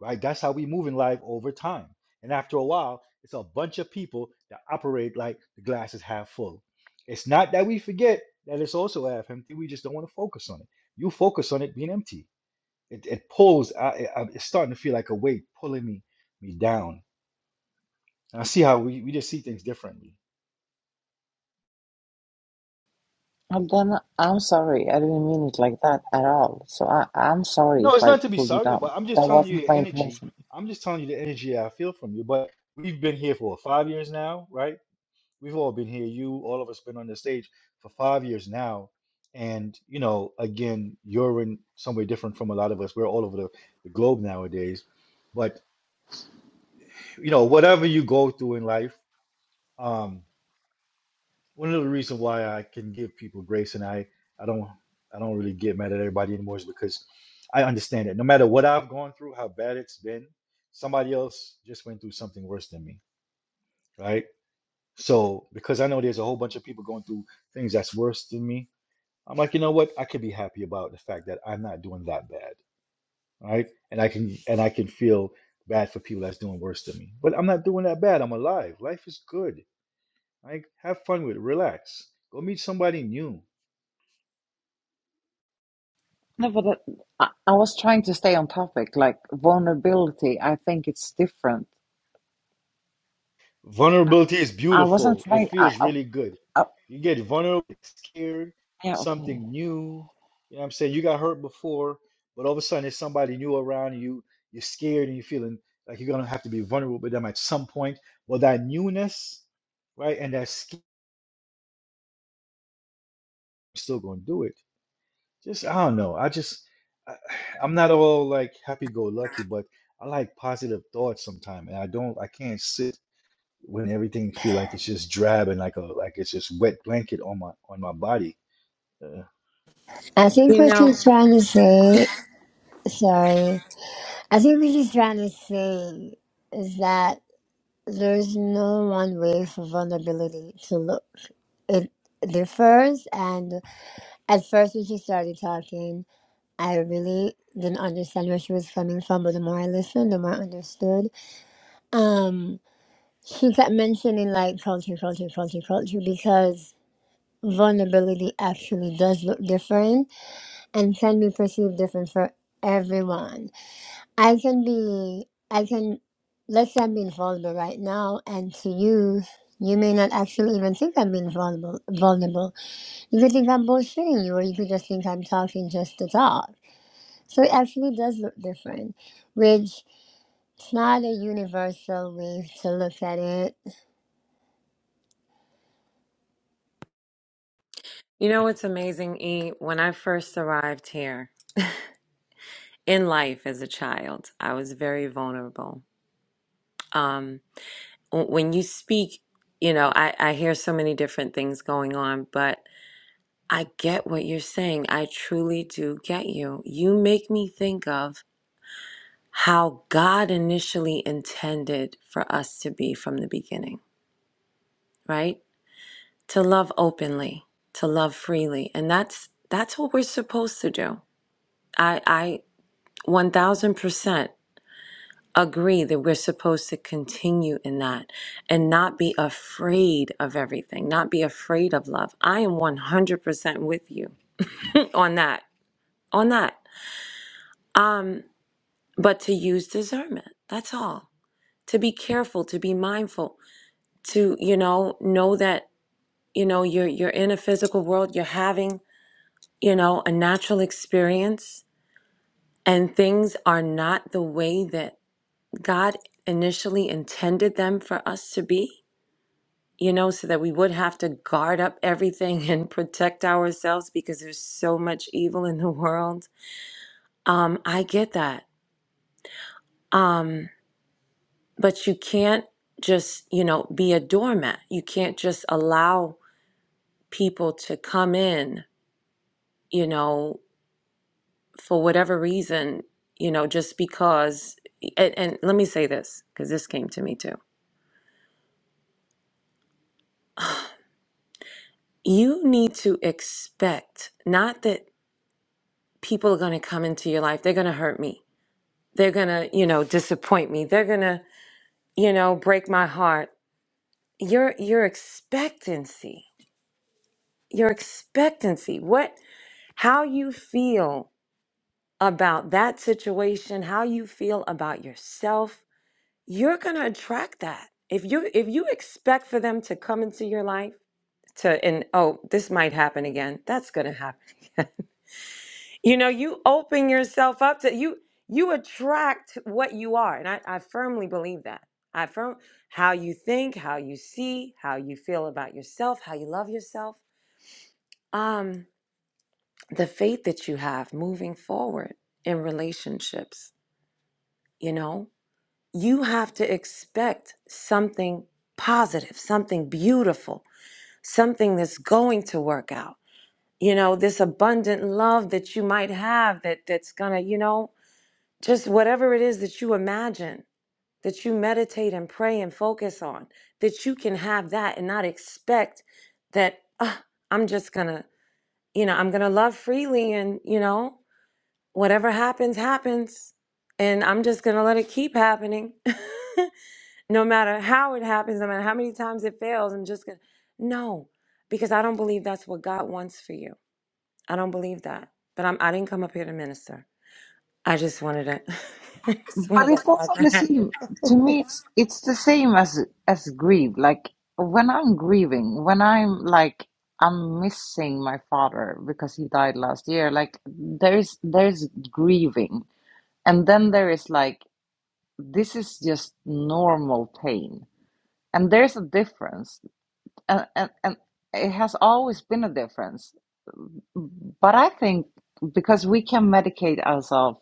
right? That's how we move in life over time. And after a while, it's a bunch of people that operate like the glass is half full. It's not that we forget that it's also half empty. We just don't want to focus on it. You focus on it being empty. It it pulls. I, I I'm- it's starting to feel like a weight pulling me me down. And I see how we, we just see things differently. I'm gonna. I'm sorry. I didn't mean it like that at all. So I I'm sorry No, if it's I not to be pulled you sorry down. about. I'm just That telling you wasn't your my energy. intention. I'm just telling you the energy I feel from you. But we've been here for what, five years now, right? We've all been here. You, all of us, been on the stage for five years now. And you know, again, you're in somewhere different from a lot of us. We're all over the, the globe nowadays. But you know, whatever you go through in life. um, one of the reasons why I can give people grace and I I don't I don't really get mad at everybody anymore is because I understand it. No matter what I've gone through, how bad it's been, somebody else just went through something worse than me, right? So because I know there's a whole bunch of people going through things that's worse than me, I'm like, you know what? I could be happy about the fact that I'm not doing that bad, right? And I can and I can feel bad for people that's doing worse than me, but I'm not doing that bad. I'm alive. Life is good. Like, have fun with it. Relax. Go meet somebody new No, but that, I, I was trying to stay on topic. Like vulnerability, I think it's different. Vulnerability is I wasn't beautiful. It trying. I, feels I, really good. I You get vulnerable, scared of yeah okay. something new. You know what I'm saying? You got hurt before, but all of a sudden there's somebody new around you. You're scared and you're feeling like you're gonna have to be vulnerable with them at some point. Well, that newness, right, and that scared, you're still gonna do it. Just I don't know. I just I, *sighs* I'm not all like happy-go-lucky, but I like positive thoughts sometimes, and I don't. I can't sit when everything feel like it's just drabbing like a like it's just wet blanket on my on my body. Uh, I think You what know, she's trying to say sorry. I think what he's trying to say is that there's no one way for vulnerability to look. It differs, and at first when she started talking, I really didn't understand where she was coming from. But the more I listened, the more I understood. Um, she kept mentioning like culture, culture, culture, culture, because vulnerability actually does look different and can be perceived different for everyone I can be, I can, let's say I'm being vulnerable right now, and to you, you may not actually even think I'm being vulnerable. Vulnerable. You could think I'm bullshitting you, or you could just think I'm talking just to talk. So it actually does look different, which it's not a universal way to look at it. you know what's amazing, E? When I first arrived here in life as a child, I was very vulnerable. Um, w- when you speak, you know, I, I hear so many different things going on, but I get what you're saying. I truly do get you. You make me think of how God initially intended for us to be from the beginning, right? To love openly, to love freely. And that's that's what we're supposed to do. I I 1000% agree that we're supposed to continue in that and not be afraid of everything, not be afraid of love. I am 100% with you *laughs* on that. On that. Um but to use discernment. That's all. To be careful, to be mindful, to you know know that you know you're you're in a physical world. You're having you know a natural experience, and things are not the way that God initially intended them for us to be. You know, so that we would have to guard up everything *laughs* and protect ourselves because there's so much evil in the world. Um, I get that. Um, but you can't just you know be a doormat you can't just allow people to come in you know for whatever reason you know just because and, and let me say this because this came to me too you need to expect not that people are going to come into your life they're going to hurt me they're going to you know disappoint me they're going to you know break my heart your your expectancy your expectancy what how you feel about that situation, how you feel about yourself, you're going to attract that. If you if you expect for them to come into your life to and oh, this might happen again. That's going to happen *laughs* again. you know, you open yourself up to you you attract what you are, and I, I firmly believe that. I firm how you think, how you see, how you feel about yourself, how you love yourself. Um the faith that you have moving forward in relationships, you know? you have to expect something positive, something beautiful, something that's going to work out. You know, this abundant love that you might have that that's going to, you know, just whatever it is that you imagine, that you meditate and pray and focus on, that you can have that and not expect that "Ah, I'm just going to, you know, I'm going to love freely and, you know, whatever happens happens and I'm just going to let it keep happening. *laughs* no matter how it happens, no matter how many times it fails, I'm just gonna no, because I don't believe that's what God wants for you. I don't believe that. But I'm I didn't come up here to minister. I just wanted to *laughs* I just But wanted to it's add also the that. same. To me, it's it's the same as as grief. Like when I'm grieving, when I'm like I'm missing my father because he died last year. Like there's there's grieving, and then there is like this is just normal pain, and there's a difference, and and, and it has always been a difference. But I think because we can medicate ourselves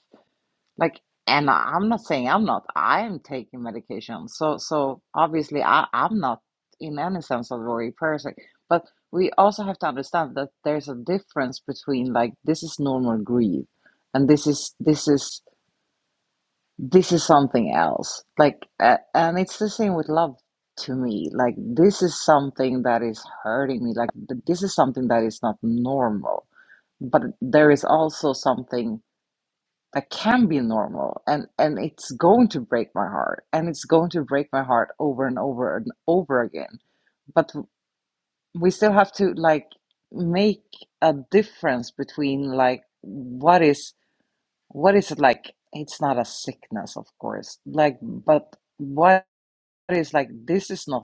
like, and I- I'm not saying I'm not. I am taking medication. So, so obviously, I, I'm not in any sense a worry person. But we also have to understand that there's a difference between like this is normal grief, and this is this is this is something else. Like, uh, and it's the same with love to me. Like, this is something that is hurting me. Like, th- this is something that is not normal. But there is also something that can be normal and and it's going to break my heart and it's going to break my heart over and over and over again but we still have to like make a difference between like what is what is it like it's not a sickness of course like but what is like this is not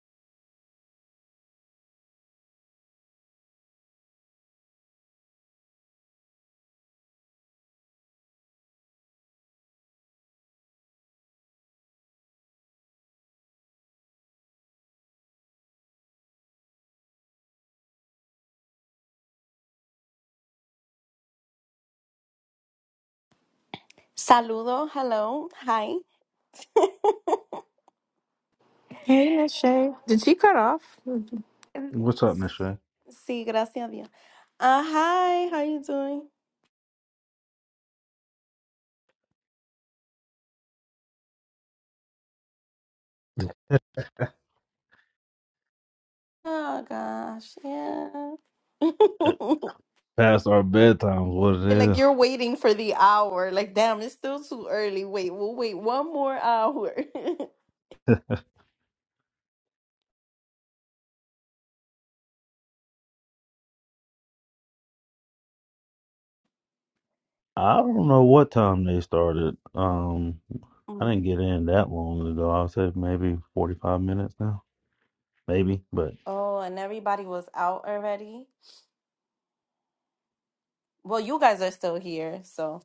Saludo, hello, hi. Hey, Miss Shay. Did she cut off? Mm, What's up, Miss Shay? Sí, gracias a Dios. Uh, hi, how you doing? Oh gosh, yeah. uh, past our bedtimes what it *laughs* is Like you're waiting for the hour. Like, damn, it's still too early. Wait, we'll wait one more hour. *laughs* I don't know what time they started. Um, I Mm. didn't get in that long ago. I said maybe forty-five minutes now, maybe. But Oh, and everybody was out already. Well, you guys are still here, so.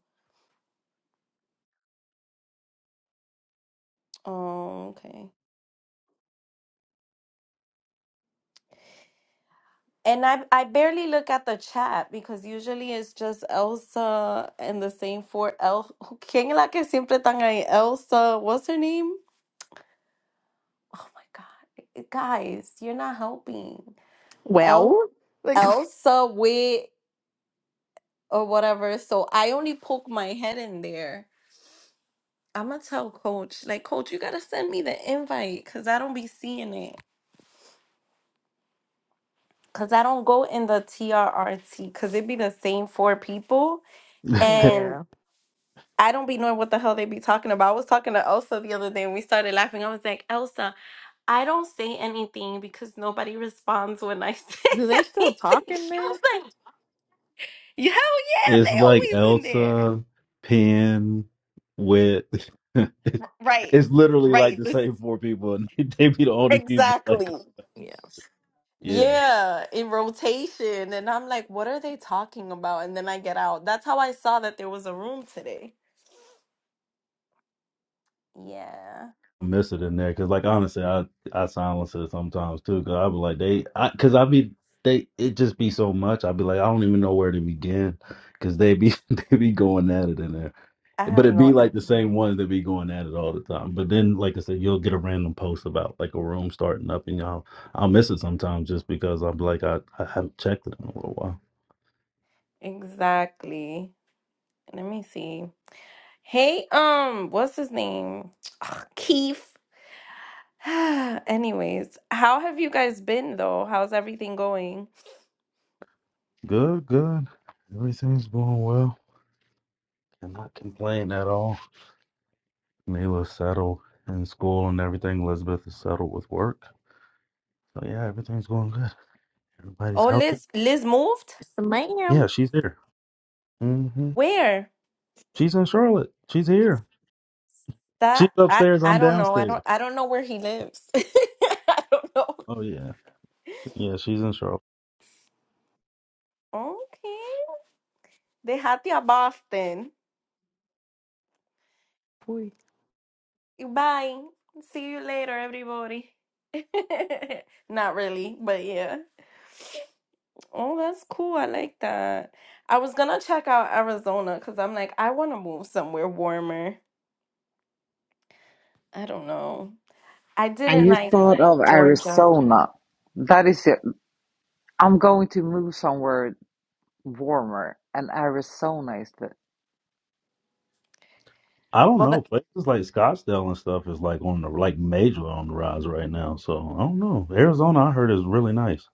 Oh, okay. And I I barely look at the chat because usually it's just Elsa and the same four El. *laughs* ¿Quién es la que siempre están ahí? Elsa, what's her name? Oh my God. Eh, Guys, you're not helping. El Well, like, Elsa with or whatever. So I only poke my head in there. I'm gonna tell coach, like, coach, you gotta send me the invite because I don't be seeing it. Because I don't go in the TRRT because it be the same four people. *laughs* yeah. I don't be knowing what the hell they be talking about. I was talking to Elsa the other day and we started laughing. I was like, Elsa, I don't say anything because nobody responds when I say Do they *laughs* still talk anything. in She there? was like, Hell yeah, it's they like always in there. Elsa, Penn, Wit. *laughs* Right. it's literally like Right. the This same four people, and *laughs* they, be the only people. Like, exactly. Yes. yeah, Yeah, in rotation. And I'm like, what are they talking about? And then I get out. That's how I saw that there was a room today. Yeah. I miss it in there because, like, honestly, I I silence it sometimes too because I be like they, I because I be they it just be so much. I be like I don't even know where to begin because they be *laughs* they be going at it in there. I But have it'd no be I like the don't know. same ones that be going at it all the time. But then, like I said, you'll get a random post about like a room starting up, and y'all, I'll miss it sometimes just because I'm like, I, I haven't checked it in a little while. Exactly. Let me see. Hey, um, what's his name? Ugh, Keith. *sighs* Anyways, how have you guys been though? How's everything going? Good, good. Everything's going well. Cannot complain at all. Mila's settled in school and everything. Elizabeth is settled with work. So yeah, everything's going good. Everybody's Oh, healthy. Liz, Liz moved? Yes, Yeah, ma'am. she's here. hmm Where? She's in Charlotte. She's here. She's That I upstairs. I I'm don't know. I downstairs. don't I don't know where he lives. *laughs* I don't know. Oh yeah, yeah. She's in Charlotte. Okay. Dejate a Boston. Bye. See you later, everybody. *laughs* Not really, but yeah. Oh, that's cool. I like that. I was gonna check out Arizona because I'm like, I want to move somewhere warmer. I don't know. I and didn't you like thought of Georgia. Arizona that is it I'm going to move somewhere warmer and Arizona is the I don't Well, know. the, Places like Scottsdale and stuff is like on the like major on the rise right now. So I don't know. Arizona, I heard is really nice.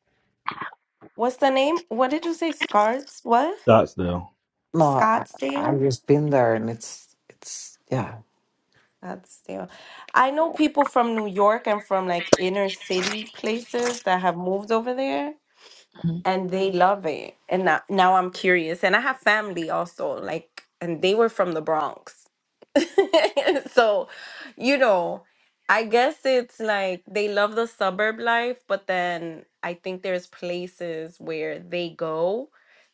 what's the name? What did you say? Scarts? What? Scottsdale. No, I, Scottsdale? I've just been there, and it's it's yeah. Scottsdale. I know people from New York and from like inner city places that have moved over there. hmm and they love it. And now, now I'm curious. And I have family also, like, and they were from the Bronx. *laughs* so, you know, I guess it's like they love the suburb life, but then I think there's places where they go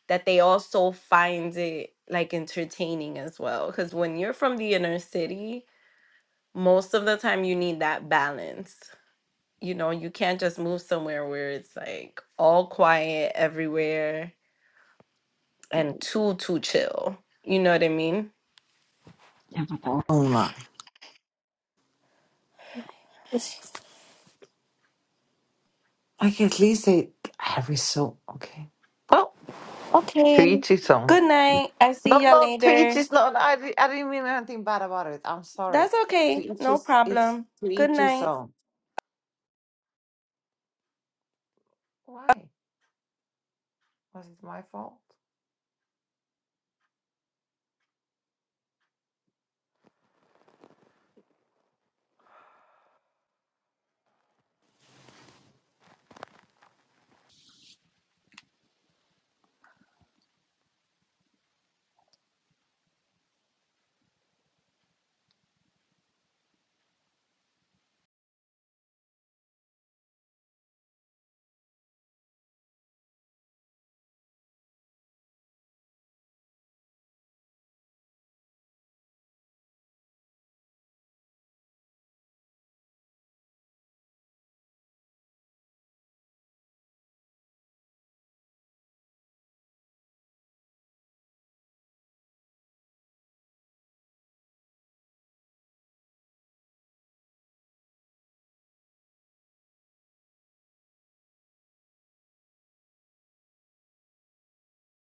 that they also find it like entertaining as well. Because when you're from the inner city, most of the time you need that balance you know, you can't just move somewhere where it's like all quiet everywhere and too, too chill. You know what I mean? Yeah, my bad. Oh my! Like at least they every so okay. Well, to Okay. each his own. Good night. I No, see ya no, to each later. his. No, no, I di- I didn't mean anything bad about it. I'm sorry. That's To okay. each No his. It's problem. to Good each his night. own. Why was it my fault?